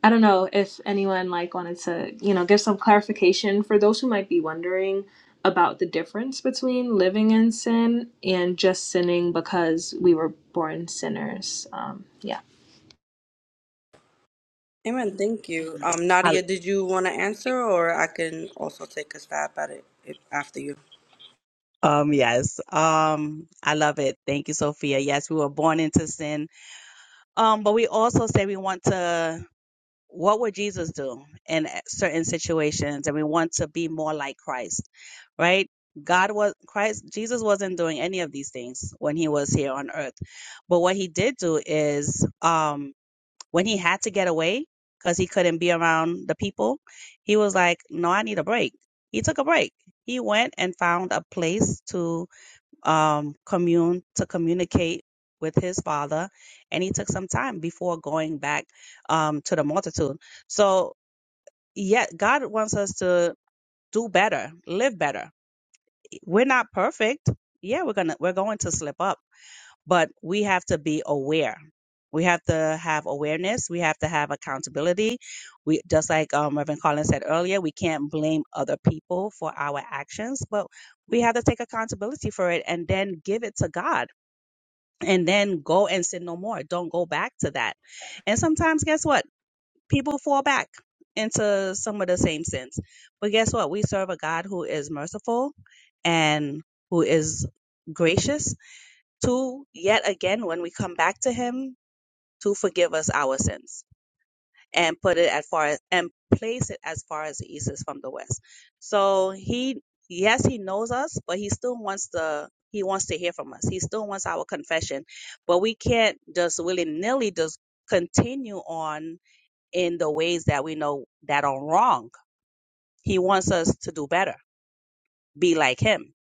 D: i don't know if anyone like wanted to you know give some clarification for those who might be wondering about the difference between living in sin and just sinning because we were born sinners um yeah.
A: amen thank you um,
F: I,
A: nadia did you want to answer or i can also take a stab at it if, after you
F: Um, yes. Um, I love it. Thank you, Sophia. Yes, we were born into sin. Um, but we also say we want to, what would Jesus do in uh, certain situations? And we want to be more like Christ, right? God was, Christ, Jesus wasn't doing any of these things when he was here on earth. But what he did do is, um, when he had to get away, because he couldn't be around the people, he was like, no, I need a break. He took a break. He went and found a place to um, commune to communicate with his father, and he took some time before going back um, to the multitude. So, yet God wants us to do better, live better. We're not perfect. Yeah, we're gonna we're going to slip up, but we have to be aware. We have to have awareness. We have to have accountability. We just like um, Reverend Collins said earlier, we can't blame other people for our actions, but we have to take accountability for it and then give it to God and then go and sin no more. Don't go back to that. And sometimes, guess what? People fall back into some of the same sins. But guess what? We serve a God who is merciful and who is gracious to, yet again, when we come back to Him, to forgive us our sins and put it as far as and place it as far as the east is from the west. So he yes, he knows us, but he still wants the he wants to hear from us. He still wants our confession. But we can't just willy nilly just continue on in the ways that we know that are wrong. He wants us to do better, be like him.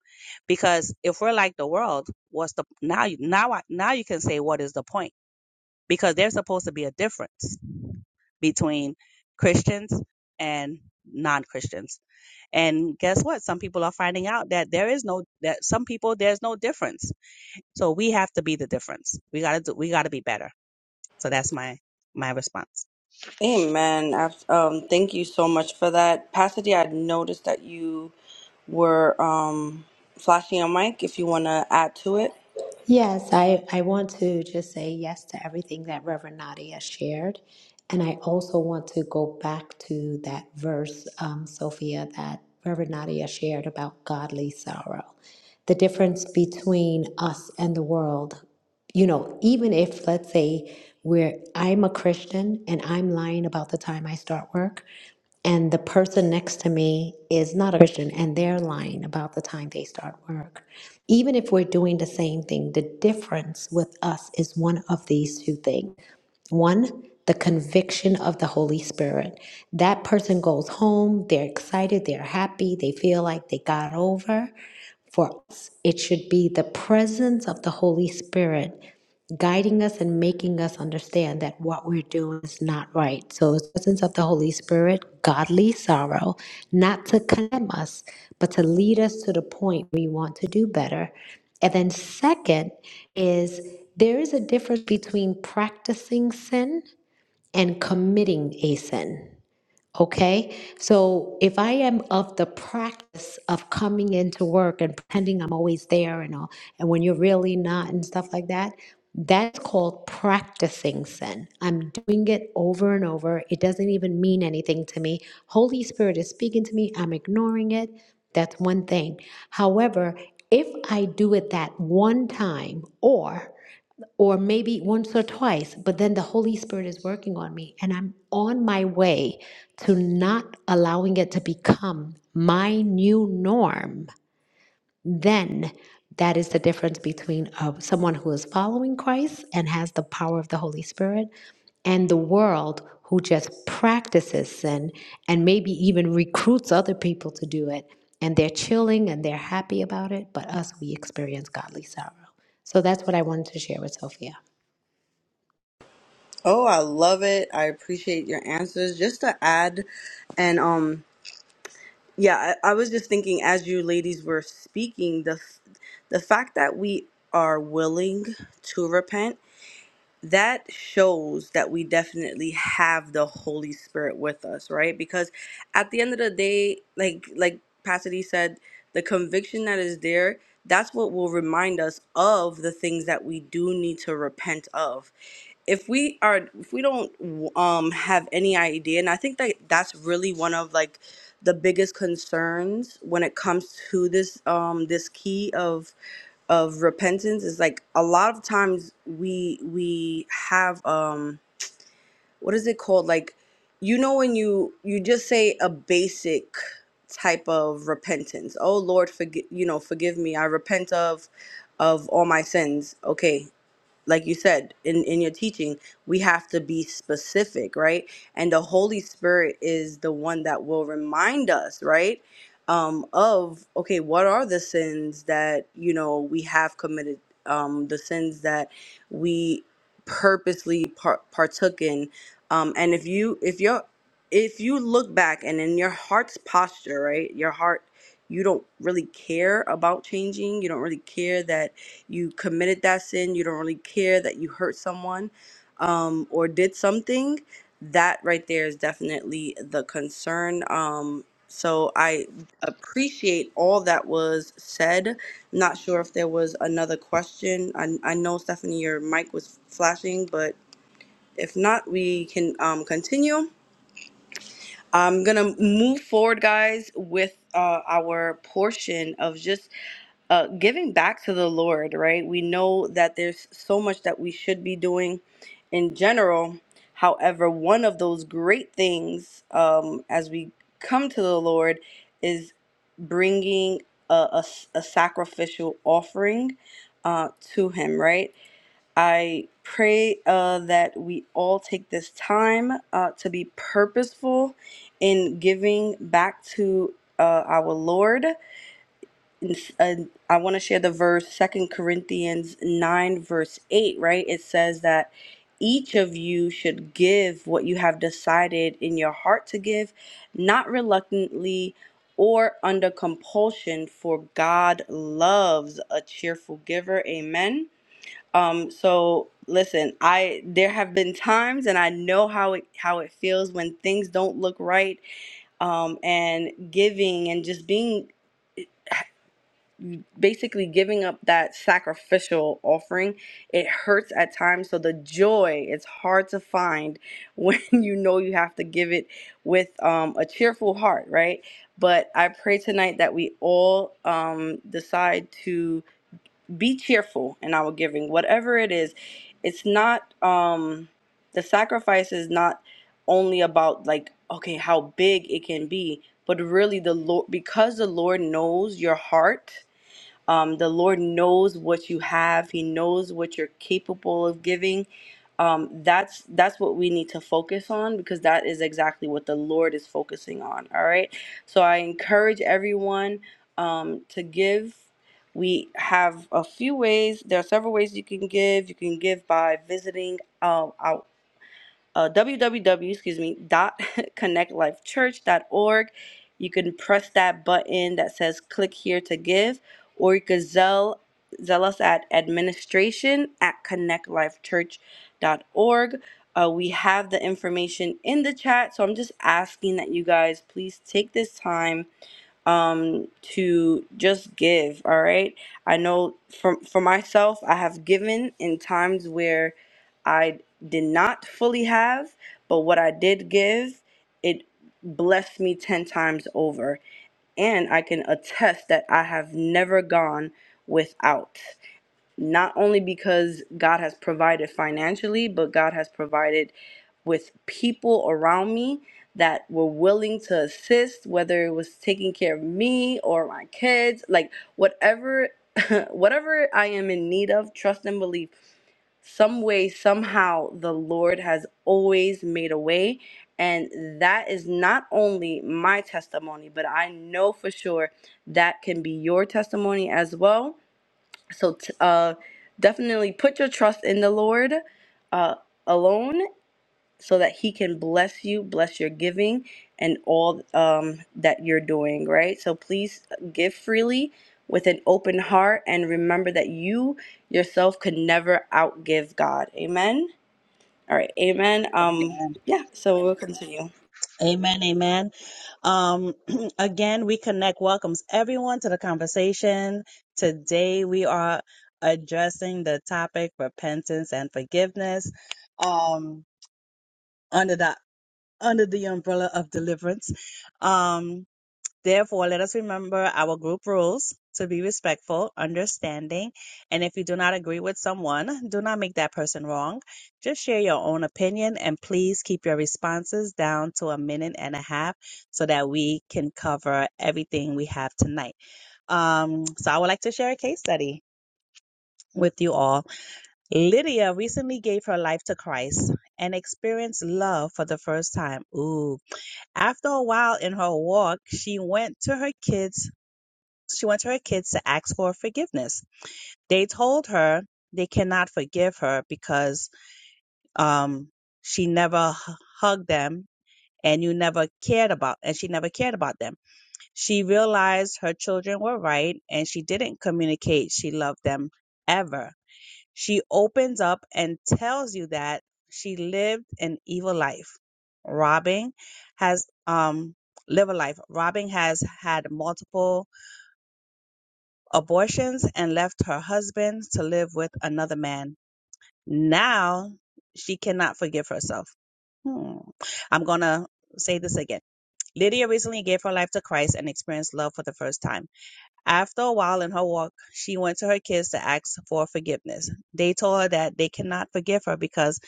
F: Because if we're like the world, what's the now now I- now you can say what is the point? Because there's supposed to be a difference between Christians and non-Christians. And guess what? Some people are finding out that there is no that some people there's no difference. So we have to be the difference. We got to do we got to be better. So that's my my response.
A: amen Abs- um, thank you so much for that pasady i noticed that you were um, flashing your mic if you want to add to it
I: Yes, I, I want to just say yes to everything that Reverend Nadia shared. And I also want to go back to that verse, um, Sophia, that Reverend Nadia shared about godly sorrow. The difference between us and the world you know, even if, let's say, we're, I'm a Christian and I'm lying about the time I start work, and the person next to me is not a Christian and they're lying about the time they start work. Even if we're doing the same thing, the difference with us is one of these two things. One, the conviction of the Holy Spirit. That person goes home, they're excited, they're happy, they feel like they got over for us. It should be the presence of the Holy Spirit guiding us and making us understand that what we're doing is not right. So, it's the presence of the Holy Spirit, godly sorrow, not to condemn us, but to lead us to the point we want to do better. And then, second, is there is a difference between practicing sin and committing a sin. Okay, so if I am of the practice of coming into work and pretending I'm always there and all, and when you're really not and stuff like that, that's called practicing sin. I'm doing it over and over. It doesn't even mean anything to me. Holy Spirit is speaking to me. I'm ignoring it. That's one thing. However, if I do it that one time, or or maybe once or twice, but then the Holy Spirit is working on me and I'm on my way to not allowing it to become my new norm, then that is the difference between uh, someone who is following Christ and has the power of the Holy Spirit and the world who just practices sin and maybe even recruits other people to do it. And they're chilling and they're happy about it, but us, we experience godly sorrow. So that's what I wanted to share with Sophia.
A: Oh, I love it. I appreciate your answers. Just to add, and um, yeah, I, I was just thinking as you ladies were speaking, the f- the fact that we are willing to repent that shows that we definitely have the Holy Spirit with us, right? Because at the end of the day, like like Pasadena said, the conviction that is there. That's what will remind us of the things that we do need to repent of if we are if we don't um have any idea and i think that that's really one of like the biggest concerns when it comes to this um this key of of repentance is like a lot of times we we have um what is it called like you know when you you just say a basic type of repentance oh lord forgive you know forgive me i repent of of all my sins okay like you said in in your teaching we have to be specific right and the holy spirit is the one that will remind us right um of okay what are the sins that you know we have committed um the sins that we purposely par- partook in um and if you if you're if you look back and in your heart's posture right your heart you don't really care about changing you don't really care that you committed that sin, you don't really care that you hurt someone um, or did something, that right there is definitely the concern. Um, so I appreciate all that was said. Not sure if there was another question. I, I know, Stephanie, your mic was flashing, but if not, we can um, continue. I'm gonna move forward, guys, with uh, our portion of just uh, giving back to the Lord, right? We know that there's so much that we should be doing in general. However, one of those great things um, as we come to the Lord is bringing a, a s- a sacrificial offering uh, to Him, right? I pray uh, that we all take this time uh, to be purposeful in giving back to uh, our Lord and s- and I want to share the verse, Second Corinthians 9, verse 8, right? It says that each of you should give what you have decided in your heart to give, not reluctantly or under compulsion, for God loves a cheerful giver. Amen. Um, so listen, I there have been times and I know how it how it feels when things don't look right um, and giving and just being basically giving up that sacrificial offering it hurts at times so the joy it's hard to find when <laughs> you know you have to give it with um, a cheerful heart right but i pray tonight that we all um, decide to be cheerful in our giving whatever it is it's not um, the sacrifice is not only about like okay how big it can be but really the lord because the lord knows your heart um, the Lord knows what you have. He knows what you're capable of giving. Um, that's that's what we need to focus on because that is exactly what the Lord is focusing on. All right. So I encourage everyone um, to give. We have a few ways. There are several ways you can give. You can give by visiting uh, our uh, www excuse me dot <laughs> connect life church dot org. you can press that button that says click here to give or you could zell zell us at administration at connectlifechurch.org uh, we have the information in the chat so i'm just asking that you guys please take this time um to just give all right i know for for myself i have given in times where i did not fully have but what i did give it blessed me 10 times over and i can attest that i have never gone without not only because God has provided financially, but God has provided with people around me that were willing to assist, whether it was taking care of me or my kids, like whatever <laughs> whatever I am in need of, trust and belief. Some way, somehow the Lord has always made a way. And that is not only my testimony, but I know for sure that can be your testimony as well so t- uh, definitely put your trust in the Lord uh, alone, so that He can bless you, bless your giving, and all um, that you're doing. Right. So please uh, give freely with an open heart, and remember that you yourself could never outgive God. Amen. All right. Amen. Um.
F: Amen.
A: Yeah. So we'll continue.
F: Amen, amen. Um, <clears throat> again, we connect welcomes everyone to the conversation. Today, we are addressing the topic repentance and forgiveness um, under the under the umbrella of deliverance. Um, Therefore, let us remember our group rules to be respectful, understanding, and if you do not agree with someone, do not make that person wrong. Just share your own opinion and please keep your responses down to a minute and a half so that we can cover everything we have tonight. Um, so I would like to share a case study with you all. Lydia recently gave her life to Christ and experienced love for the first time. Ooh, after a while in her walk, she went to her kids she wants her kids to ask for forgiveness. They told her they cannot forgive her because um, she never h- hugged them and you never cared about and she never cared about them. She realized her children were right and she didn't communicate she loved them ever. She opens up and tells you that she lived an evil life. Robbing has um live a life. Robbing has had multiple abortions and left her husband to live with another man. Now she cannot forgive herself. Hmm. I'm going to say this again. Lydia recently gave her life to Christ and experienced love for the first time. After a while in her walk, she went to her kids to ask for forgiveness. They told her that they cannot forgive her because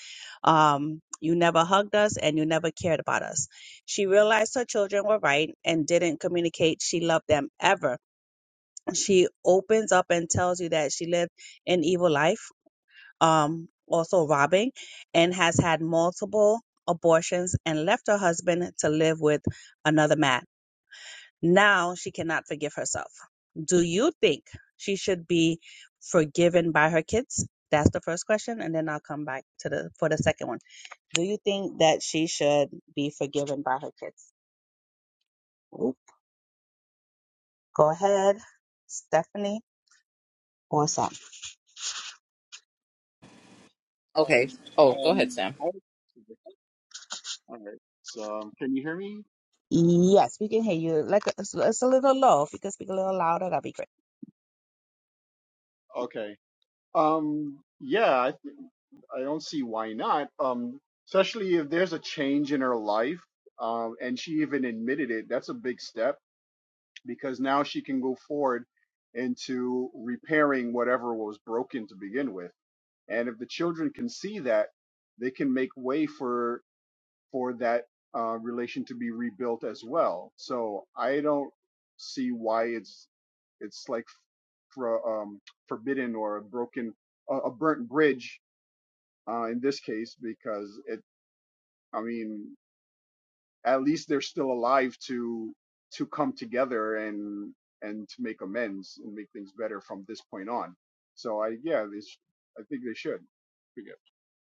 F: um, you never hugged us and you never cared about us. She realized her children were right and didn't communicate she loved them ever she opens up and tells you that she lived an evil life, um, also robbing, and has had multiple abortions and left her husband to live with another man. Now she cannot forgive herself. Do you think she should be forgiven by her kids? That's the first question, and then I'll come back to the for the second one. Do you think that she should be forgiven by her kids? Go ahead, Stephanie or Sam.
B: Okay. Oh, go ahead,
C: Um,
B: Sam.
C: I- all right. So, um, can you hear me?
F: Yes, we can hear you. Like it's, it's a little low. If you could speak a little louder, that'd be great.
C: Okay. Um, yeah, I, th- I don't see why not. Um, especially if there's a change in her life, um, and she even admitted it. That's a big step because now she can go forward into repairing whatever was broken to begin with. And if the children can see that, they can make way for for that uh, relation to be rebuilt as well. So I don't see why it's it's like for, um, forbidden or a broken, a a burnt bridge uh, in this case, because it, I mean, at least they're still alive to to come together and and to make amends and make things better from this point on. So I, yeah, they, sh- I think they should. Pretty good.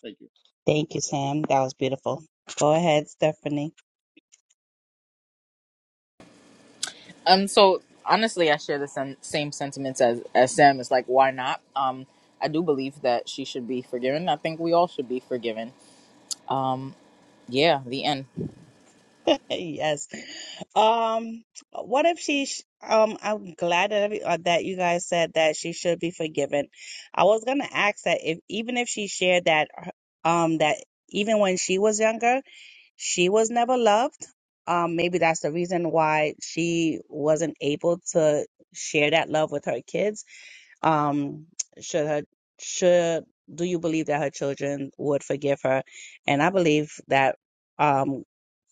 C: Thank you.
F: Thank you, Sam. That was beautiful. Go ahead, Stephanie.
B: Um, so honestly, I share the sen- same sentiments as as Sam. It's like, why not? Um, I do believe that she should be forgiven. I think we all should be forgiven. Um, yeah, the end.
F: <laughs> yes. Um, what if she? sh- Um, I'm glad that every, uh, that you guys said that she should be forgiven. I was gonna ask that if even if she shared that, her- um, that even when she was younger, she was never loved. Um, maybe that's the reason why she wasn't able to share that love with her kids um should her should do you believe that her children would forgive her and i believe that um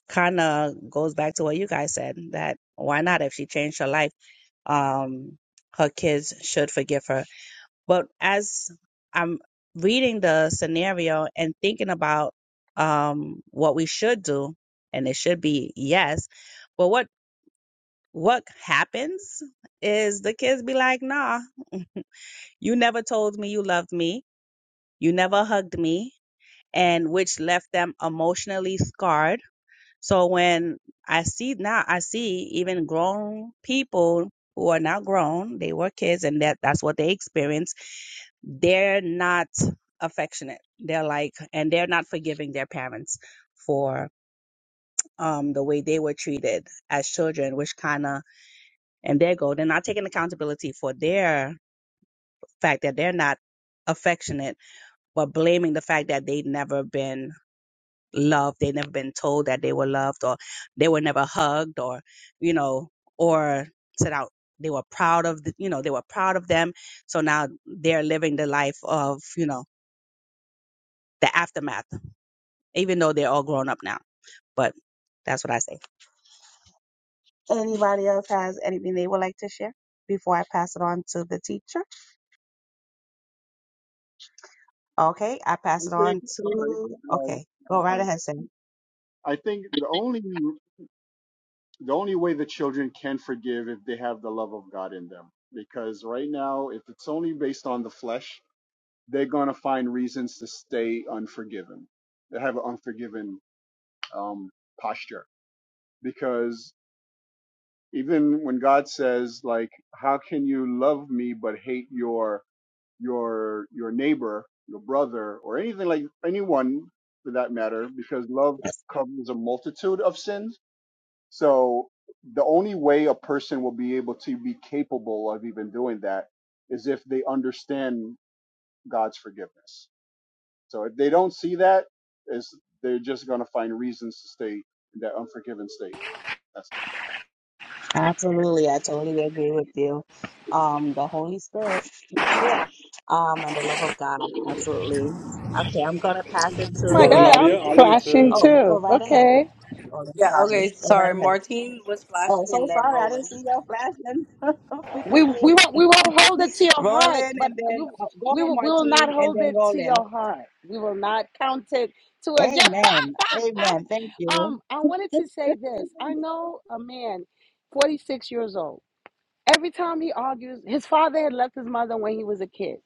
F: kind of goes back to what you guys said that why not if she changed her life um her kids should forgive her but as i'm reading the scenario and thinking about um what we should do and it should be yes but what what happens is the kids be like nah <laughs> You never told me you loved me. You never hugged me, and which left them emotionally scarred. So when I see now, I see even grown people who are now grown, they were kids, and that, that's what they experience. They're not affectionate. They're like, and they're not forgiving their parents for um, the way they were treated as children, which kind of, and there go, they're not taking accountability for their fact that they're not affectionate but blaming the fact that they'd never been loved, they'd never been told that they were loved, or they were never hugged, or you know, or said out they were proud of, the, you know, they were proud of them. So now they're living the life of, you know, the aftermath, even though they're all grown up now. But that's what I say. Anybody else has anything they would like to share before I pass it on to the teacher? Okay, I pass
C: I
F: it
C: think
F: on
C: all right.
F: to.
C: Sorry.
F: Okay, go
C: All
F: right
C: right.
F: ahead, Sam.
C: I think the only the only way the children can forgive if they have the love of God in them, because right now, if it's only based on the flesh, they're going to find reasons to stay unforgiven. They have an unforgiven um, posture because even when God says, like, how can you love me but hate your your your neighbor, your brother, or anything like anyone for that matter? Because love covers a multitude of sins. So the only way a person will be able to be capable of even doing that is if they understand God's forgiveness So if they don't see that, it's, they're just going to find reasons to stay in that unforgiven state. That's
F: Absolutely, I totally agree with you. Um, the Holy Spirit, that's it. Um, and the love of God, absolutely. Okay, I'm gonna pass it
J: my
K: Reverend
J: God,
F: to.
K: Nadia,
J: I'm
K: I wanted
J: flashing
K: to.
F: Oh, go
J: too.
F: right ahead.
J: Okay.
F: Oh, I'm
A: Yeah.
F: sorry.
A: Okay.
F: Go right
A: Sorry.
F: ahead.
A: Martine was
F: Oh,
A: flashing and
F: so
A: then
F: sorry, I didn't
A: rolling.
F: see your flashing. <laughs>
J: We
F: Forgive
J: we
F: me.
J: won't we won't hold it to your heart,
F: Rolling
J: but
F: and
J: we
F: then uh, go
J: we
F: ahead,
J: will, we will
F: Martine,
J: not
F: and
J: hold
F: then
J: it to
F: rolling.
J: your heart. We will not count it to us. Yeah.
F: Amen. Amen. Thank you.
J: Um, I wanted to say this.
F: <laughs>
J: I know a man, 46 years old. Every time he argues, his father had left his mother when he was a kid.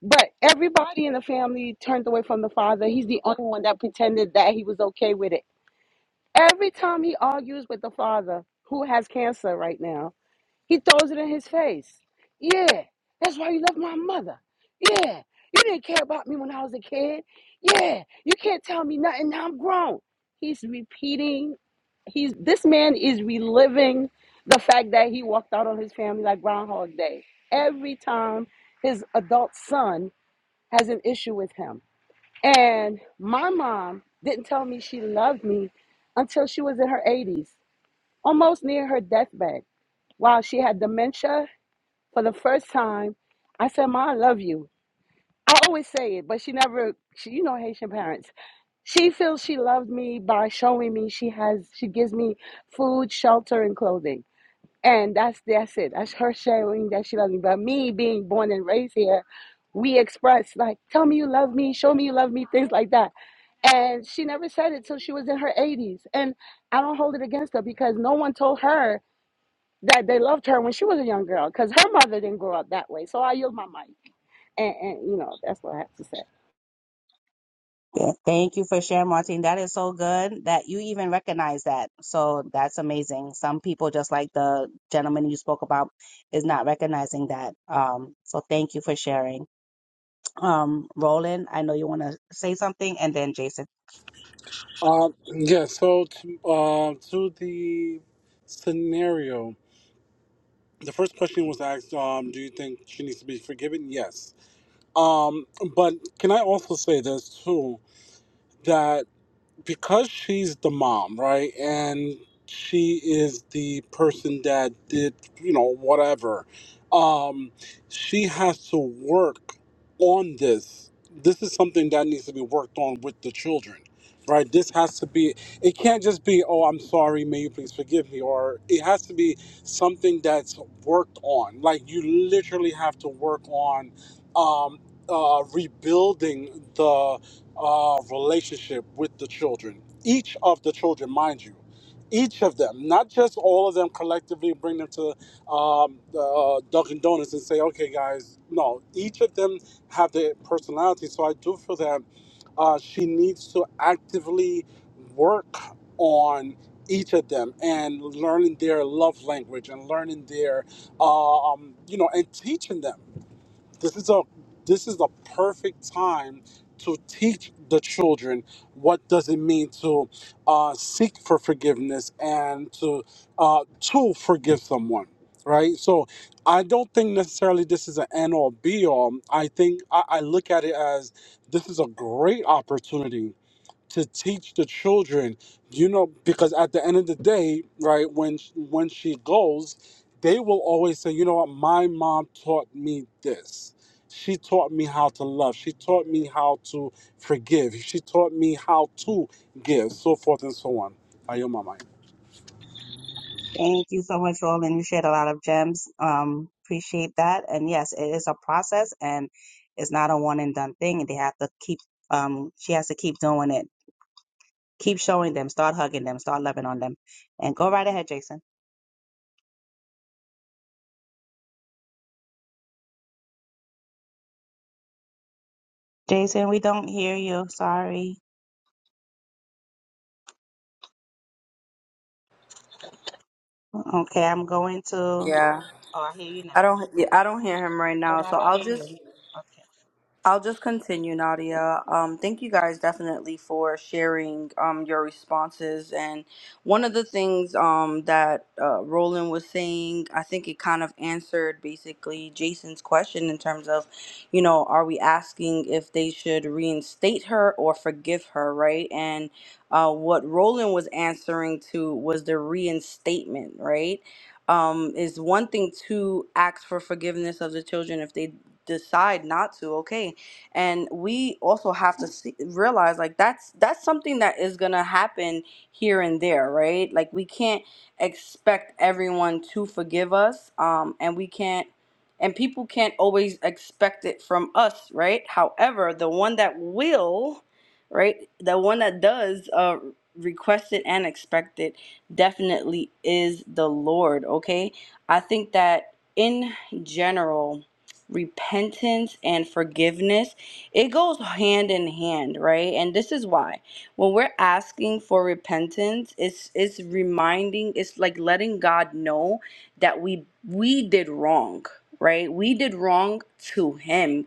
J: But everybody in the family turned away from the father. He's the only one that pretended that he was okay with it. Every time he argues with the father, who has cancer right now, He throws it in his face. Yeah, that's why you left my mother. Yeah, you didn't care about me when I was a kid. Yeah, you can't tell me nothing. Now I'm grown. He's repeating. He's this man is reliving the fact that he walked out on his family like Groundhog Day. Every time his adult son has an issue with him. And my mom didn't tell me she loved me until she was in her 80s, almost near her deathbed. While she had dementia for the first time, I said, Ma, I love you. I always say it, but she never, she, you know, Haitian parents. She feels she loved me by showing me she has, she gives me food, shelter, and clothing. And that's that's it. That's her showing that she loves me. But me being born and raised here, we express like, tell me you love me, show me you love me, things like that. And she never said it till she was in her 80s. And I don't hold it against her because no one told her that they loved her when she was a young girl because her mother didn't grow up that way. So I yield my mic, and, and you know that's what I have to say.
F: Yeah, thank you for sharing, Martin. That is so good that you even recognize that. So that's amazing. Some people, just like the gentleman you spoke about, is not recognizing that. Um, so thank you for sharing. Um, Roland, I know you want to say something, and then Jason.
K: Uh, yeah, so to, uh, to the scenario, the first question was asked um, Do you think she needs to be forgiven? Yes. Um, but can I also say this too? that. because she's the mom, right? And she is the person that did, you know, whatever. Um, she has to work on this. This is something that needs to be worked on with the children, right? This has to be, it can't just be, oh, I'm sorry, may you please forgive me, or it has to be something that's worked on. Like, you literally have to work on um, uh, rebuilding the uh, relationship with the children. Each of the children, mind you, each of them, not just all of them collectively bring them to um, the, uh, Dunkin' Donuts and say, okay, guys, no, each of them have their personality. So I do feel that uh, she needs to actively work on each of them and learning their love language and learning their, uh, um, you know, and teaching them this is a this is the perfect time to teach the children what does it mean to uh, seek for forgiveness and to uh, to forgive someone right so i don't think necessarily this is an end all be all i think I, I look at it as this is a great opportunity to teach the children you know because at the end of the day right when when she goes they will always say you know what my mom taught me this she taught me how to love she taught me how to forgive she taught me how to give so forth and so on are you mama
F: Thank you so much, Roland. You shared a lot of gems. Um, appreciate that. And yes, it is a process, and it's not a one and done thing. They have to keep. Um, she has to keep doing it. Keep showing them. Start hugging them. Start loving on them. And go right ahead, Jason. Jason, we don't hear you. Sorry. Okay, I'm going to. Oh,
A: Yeah.
F: I hear you now.
A: I don't. Yeah, I don't hear him right
F: Oh,
A: now.
F: I
A: So
F: don't
A: I'll
F: hear
A: just
F: you.
A: I'll just continue,
F: Okay.
A: Nadia. Um, thank you guys definitely for sharing um, your responses. And one of the things um, that uh, Roland was saying, I think it kind of answered basically Jason's question in terms of, you know, are we asking if they should reinstate her or forgive her, right? And uh, what Roland was answering to was the reinstatement, right? Um, is one thing to ask for forgiveness of the children if they decide not to. Okay, and we also have to see, realize like that's that's something that is gonna happen here and there right like we can't expect everyone to forgive us um and we can't and people can't always expect it from us right however the one that will right the one that does uh request it and expect it definitely is the lord okay i think that in general repentance and forgiveness it goes hand in hand, right? And this is why when we're asking for repentance, it's it's reminding, it's like letting God know that we we did wrong, right? We did wrong to him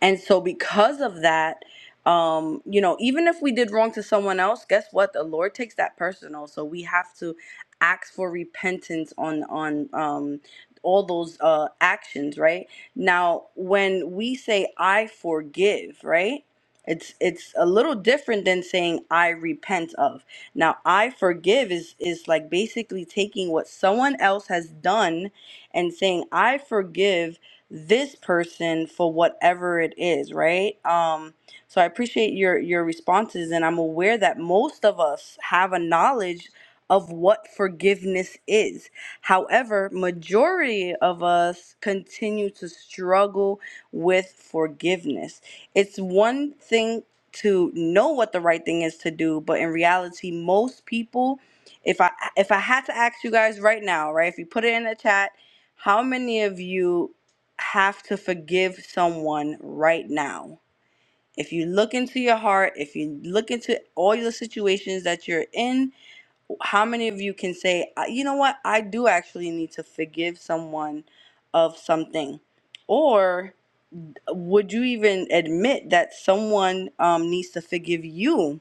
A: and so, because of that, um, you know, even if we did wrong to someone else, guess what? The Lord takes that personal. So we have to ask for repentance on on um, all those uh, actions, right? Now, when we say "I forgive," right? It's it's a little different than saying "I repent of." Now, "I forgive" is is like basically taking what someone else has done and saying "I forgive." this person for whatever it is, right? Um, so I appreciate your your responses, and I'm aware that most of us have a knowledge of what forgiveness is. However, majority of us continue to struggle with forgiveness. It's one thing to know what the right thing is to do, but in reality, most people, if I if I had to ask you guys right now, right, if you put it in the chat, how many of you have to forgive someone right now. If you look into your heart, if you look into all your situations that you're in, how many of you can say, "Uh, you know what, I do actually need to forgive someone of something? Or would you even admit that someone um, needs to forgive you?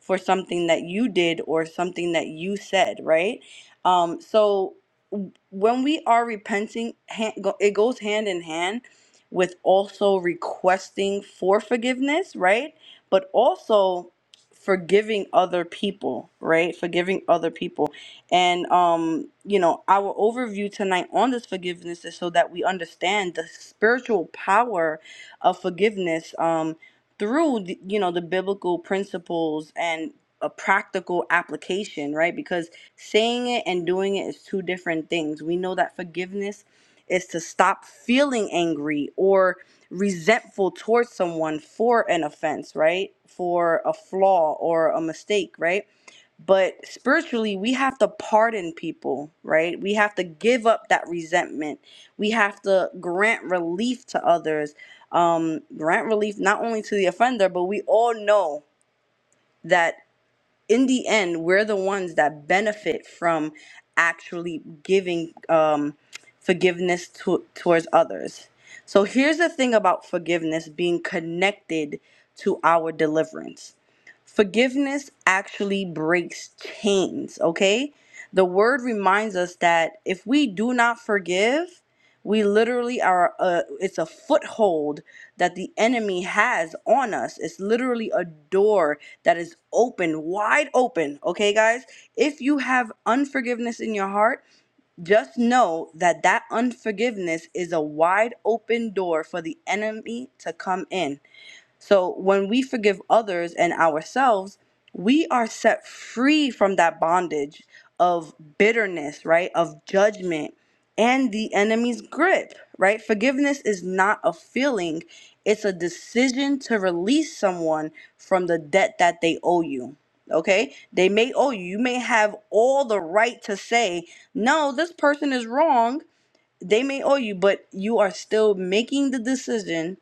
A: for something that you did or something that you said, right? Um, so w- when we are repenting, hand, go, it goes hand in hand with also requesting for forgiveness, right? But also forgiving other people, right? Forgiving other people. And um, you know, our overview tonight on this forgiveness is so that we understand the spiritual power of forgiveness. Um, through the- you know the biblical principles and a practical application right because saying it and doing it is two different things we know that forgiveness is to stop feeling angry or resentful towards someone for an offense right for a flaw or a mistake right but spiritually, we have to pardon people, right? We have to give up that resentment. We have to grant relief to others. Um, grant relief not only to the offender, but we all know that in the end, we're the ones that benefit from actually giving um, forgiveness to, towards others. So here's the thing about forgiveness being connected to our deliverance Forgiveness actually breaks chains, okay? The word reminds us that if we do not forgive, we literally are, uh, it's a foothold that the enemy has on us. It's literally a door that is open, wide open, okay, guys? If you have unforgiveness in your heart, just know that that unforgiveness is a wide open door for the enemy to come in. So when we forgive others and ourselves, we are set free from that bondage of bitterness, right? Of judgment and the enemy's grip, right? Forgiveness is not a feeling, it's a decision to release someone from the debt that they owe you. Okay? They may owe you. You may have all the right to say, "No, this person is wrong." They may owe you, but you are still making the decision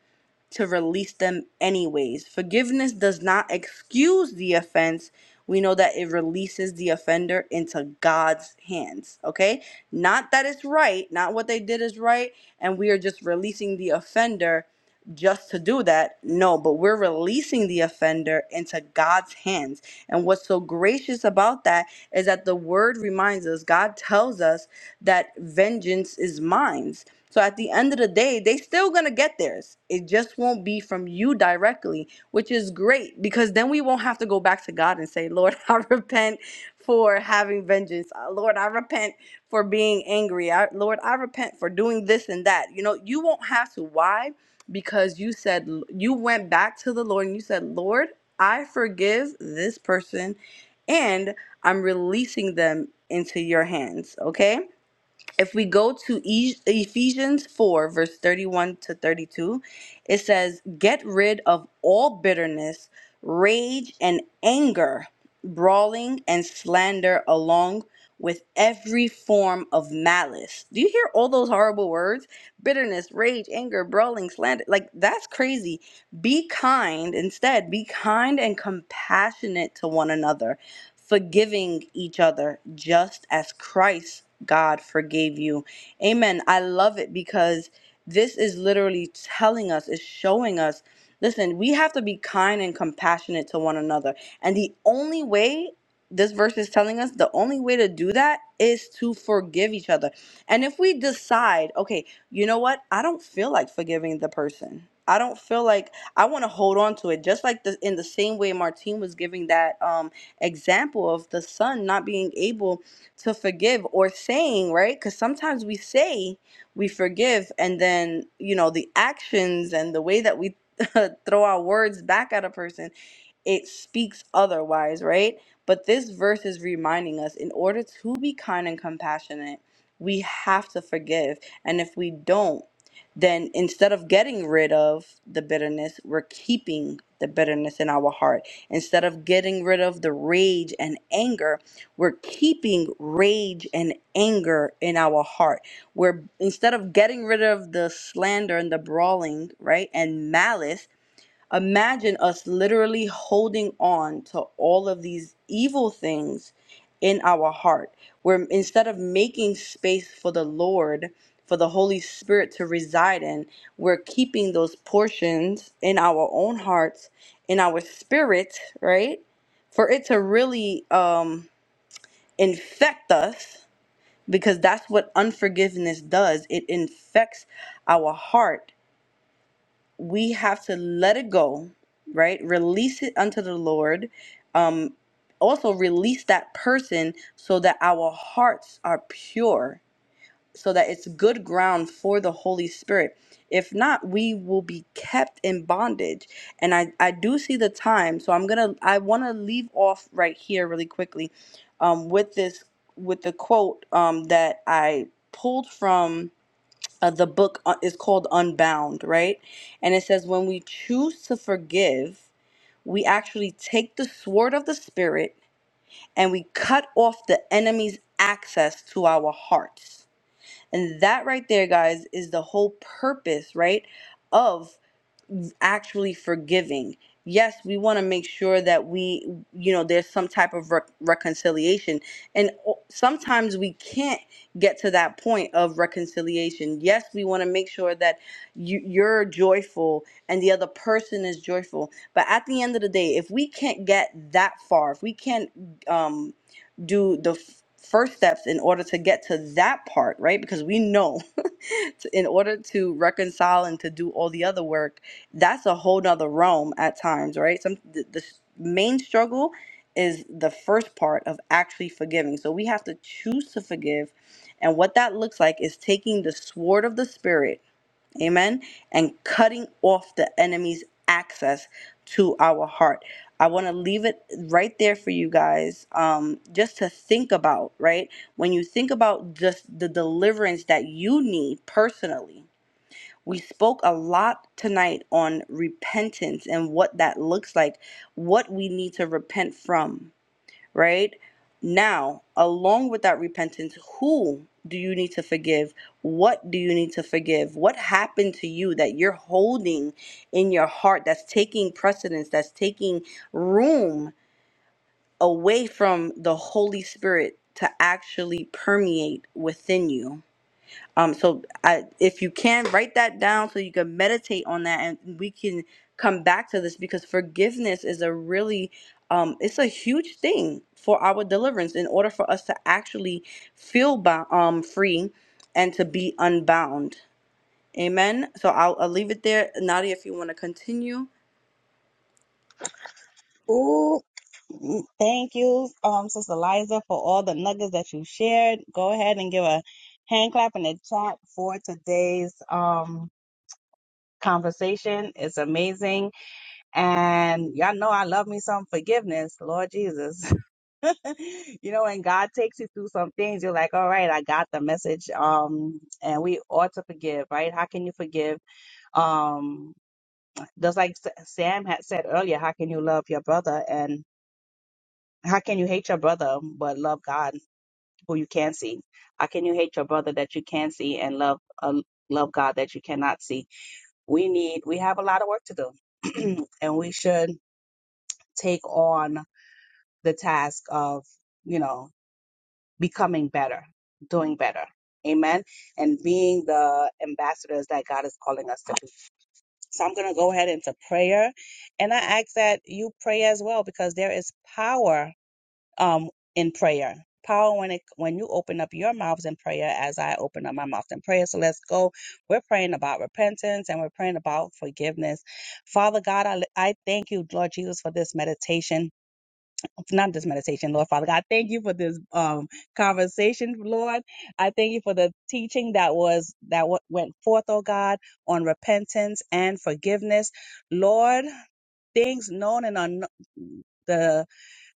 A: to release them anyways. Forgiveness does not excuse the offense. We know that it releases the offender into God's hands, okay? Not that it's right, not what they did is right, and we are just releasing the offender just to do that. No, but we're releasing the offender into God's hands. And what's so gracious about that is that the word reminds us, God tells us that vengeance is mine. So at the end of the day, they still gonna get theirs. It just won't be from you directly, which is great because then we won't have to go back to God and say, Lord, <laughs> I repent for having vengeance. Uh, Lord, I repent for being angry. I, Lord, I repent for doing this and that. You know, you won't have to. Why? Because you said you went back to the Lord and you said, Lord, I forgive this person and I'm releasing them into your hands. Okay if we go to E- Ephesians 4, verse 31 to 32, it says, Get rid of all bitterness, rage, and anger, brawling and slander, along with every form of malice. Do you hear all those horrible words? Bitterness, rage, anger, brawling, slander. Like, that's crazy. Be kind instead. Be kind and compassionate to one another forgiving each other just as Christ God forgave you. Amen. I love it because this is literally telling us, is showing us. Listen, we have to be kind and compassionate to one another. And the only way this verse is telling us, the only way to do that is to forgive each other. And if we decide, okay, you know what? I don't feel like forgiving the person. I don't feel like I want to hold on to it. Just like the in the same way Martine was giving that. um example of the son not being able to forgive or saying, right? Because sometimes we say we forgive, and then, you know, the actions and the way that we <laughs> throw our words back at a person it speaks otherwise, right? But this verse is reminding us in order to be kind and compassionate, we have to forgive. And if we don't, then instead of getting rid of the bitterness, we're keeping the bitterness in our heart. Instead of getting rid of the rage and anger, we're keeping rage and anger in our heart. We're instead of getting rid of the slander and the brawling, right? And malice, Imagine us literally holding on to all of these evil things in our heart, where instead of making space for the Lord, for the Holy Spirit to reside in, we're keeping those portions in our own hearts, in our spirit, right? For it to really um, infect us, because that's what unforgiveness does. It infects our heart we have to let it go, right? Release it unto the Lord. Um, also, release that person so that our hearts are pure, so that it's good ground for the Holy Spirit. If not, we will be kept in bondage. And I, I do see the time, so I'm gonna I want to leave off right here really quickly um, with this with the quote um, that I pulled from uh, the book uh, is called Unbound, right? And it says, when we choose to forgive, we actually take the sword of the Spirit and we cut off the enemy's access to our hearts. And that right there, guys, is the whole purpose, right? Of is actually forgiving. Yes, we want to make sure that we, you know, there's some type of rec- reconciliation. And o- sometimes we can't get to that point of reconciliation. Yes, we want to make sure that you, you're joyful and the other person is joyful. But at the end of the day, if we can't get that far, if we can't um, do the f- first steps in order to get to that part, right? Because we know <laughs> in order to reconcile and to do all the other work, that's a whole nother realm at times, right? Some the, the s- main struggle is the first part of actually forgiving. So we have to choose to forgive, and what that looks like is taking the sword of the spirit, amen, and cutting off the enemy's access to our heart. I want to leave it right there for you guys, um, just to think about, right? When you think about just the deliverance that you need personally, we spoke a lot tonight on repentance and what that looks like, what we need to repent from, right? Now, along with that repentance, who do you need to forgive? What do you need to forgive? What happened to you that you're holding in your heart that's taking precedence, that's taking room away from the Holy Spirit to actually permeate within you? Um, so I, if you can write that down so you can meditate on that and we can come back to this because forgiveness is a really um, it's a huge thing for our deliverance in order for us to actually feel bo- um, free and to be unbound. Amen. So I'll, I'll leave it there. Nadia, if you want to continue.
F: Ooh, mm, thank you, um, Sister Liza, for all the nuggets that you shared. Go ahead and give a hand clap in the chat for today's um conversation. It's amazing, and y'all know I love me some forgiveness, Lord Jesus. <laughs> <laughs> you know, and God takes you through some things. You're like, all right, I got the message. Um, and we ought to forgive, right? How can you forgive? Um, just like S- Sam had said earlier, how can you love your brother and how can you hate your brother but love God who you can see? How can you hate your brother that you can see and love uh, love God that you cannot see? We need we have a lot of work to do, <clears throat> and we should take on the task of you know becoming better, doing better. Amen. And being the ambassadors that God is calling us to be. So I'm going to go ahead into prayer. And I ask that you pray as well because there is power um, in prayer. Power when it when you open up your mouths in prayer as I open up my mouth in prayer. So let's go. We're praying about repentance and we're praying about forgiveness. Father God, I, I thank you, Lord Jesus, for this meditation. It's not just meditation, Lord Father God. I Thank you for this um conversation, Lord. I thank you for the teaching that was that w- went forth, oh God, on repentance and forgiveness, Lord. Things known and unknown, the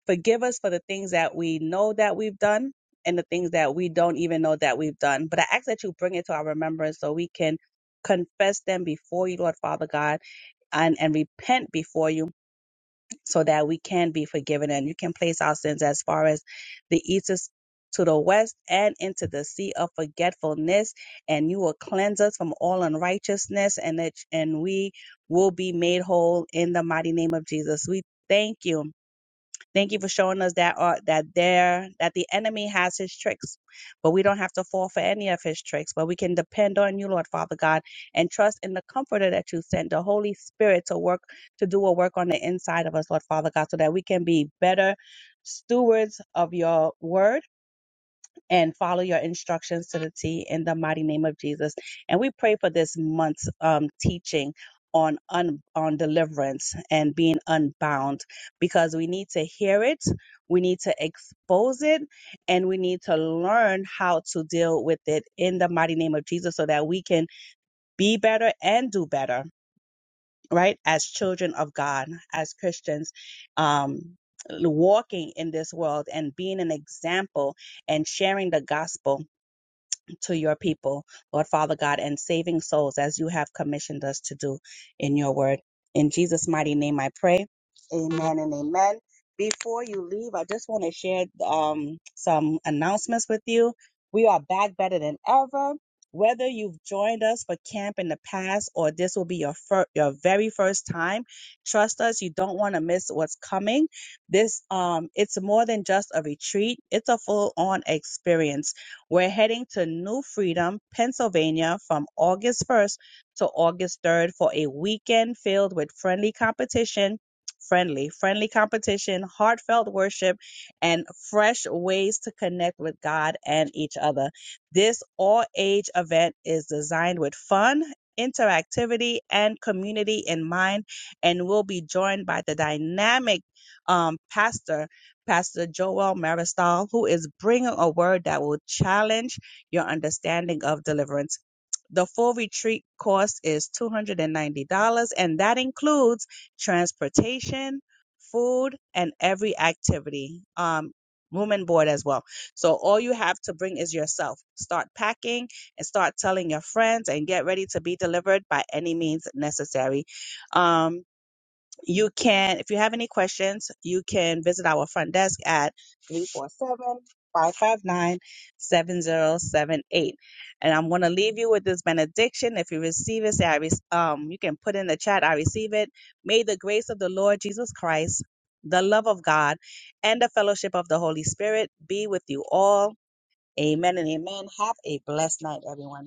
F: forgive us for the things that we know that we've done and the things that we don't even know that we've done. But I ask that you bring it to our remembrance so we can confess them before you, Lord Father God, and and repent before you so that we can be forgiven and you can place our sins as far as the east is to the west and into the sea of forgetfulness and you will cleanse us from all unrighteousness and that and we will be made whole in the mighty name of Jesus. We thank you Thank you for showing us that uh, that there that the enemy has his tricks, but we don't have to fall for any of his tricks. But we can depend on you, Lord Father God, and trust in the Comforter that you sent, the Holy Spirit, to work to do a work on the inside of us, Lord Father God, so that we can be better stewards of your word and follow your instructions to the T in the mighty name of Jesus. And we pray for this month's um, teaching on un- on deliverance and being unbound because we need to hear it, we need to expose it, and we need to learn how to deal with it in the mighty name of Jesus so that we can be better and do better, right? As children of God, as Christians, um walking in this world and being an example and sharing the gospel to your people, Lord Father God, and saving souls as you have commissioned us to do in your word. In Jesus' mighty name I pray. Amen and amen. Before you leave, I just want to share um, some announcements with you. We are back better than ever. Whether you've joined us for camp in the past or this will be your fir- your very first time, trust us, you don't want to miss what's coming. This um it's more than just a retreat, it's a full-on experience we're heading to New Freedom, Pennsylvania from August 1st to August 3rd for a weekend filled with friendly competition, friendly, friendly competition, heartfelt worship, and fresh ways to connect with God and each other. This all age event is designed with fun, interactivity, and community in mind, and will be joined by the dynamic um, pastor Pastor Joel Maristal, who is bringing a word that will challenge your understanding of deliverance. The full retreat cost is $290, and that includes transportation, food, and every activity, um, room and board as well. So all you have to bring is yourself. Start packing and start telling your friends and get ready to be delivered by any means necessary. Um, you can, if you have any questions, you can visit our front desk at three four seven five five nine seven zero seven eight. And I'm going to leave you with this benediction. If you receive it, say, I re- um, you can put in the chat, I receive it. May the grace of the Lord Jesus Christ, the love of God, and the fellowship of the Holy Spirit be with you all. Amen and amen. Have a blessed night, everyone.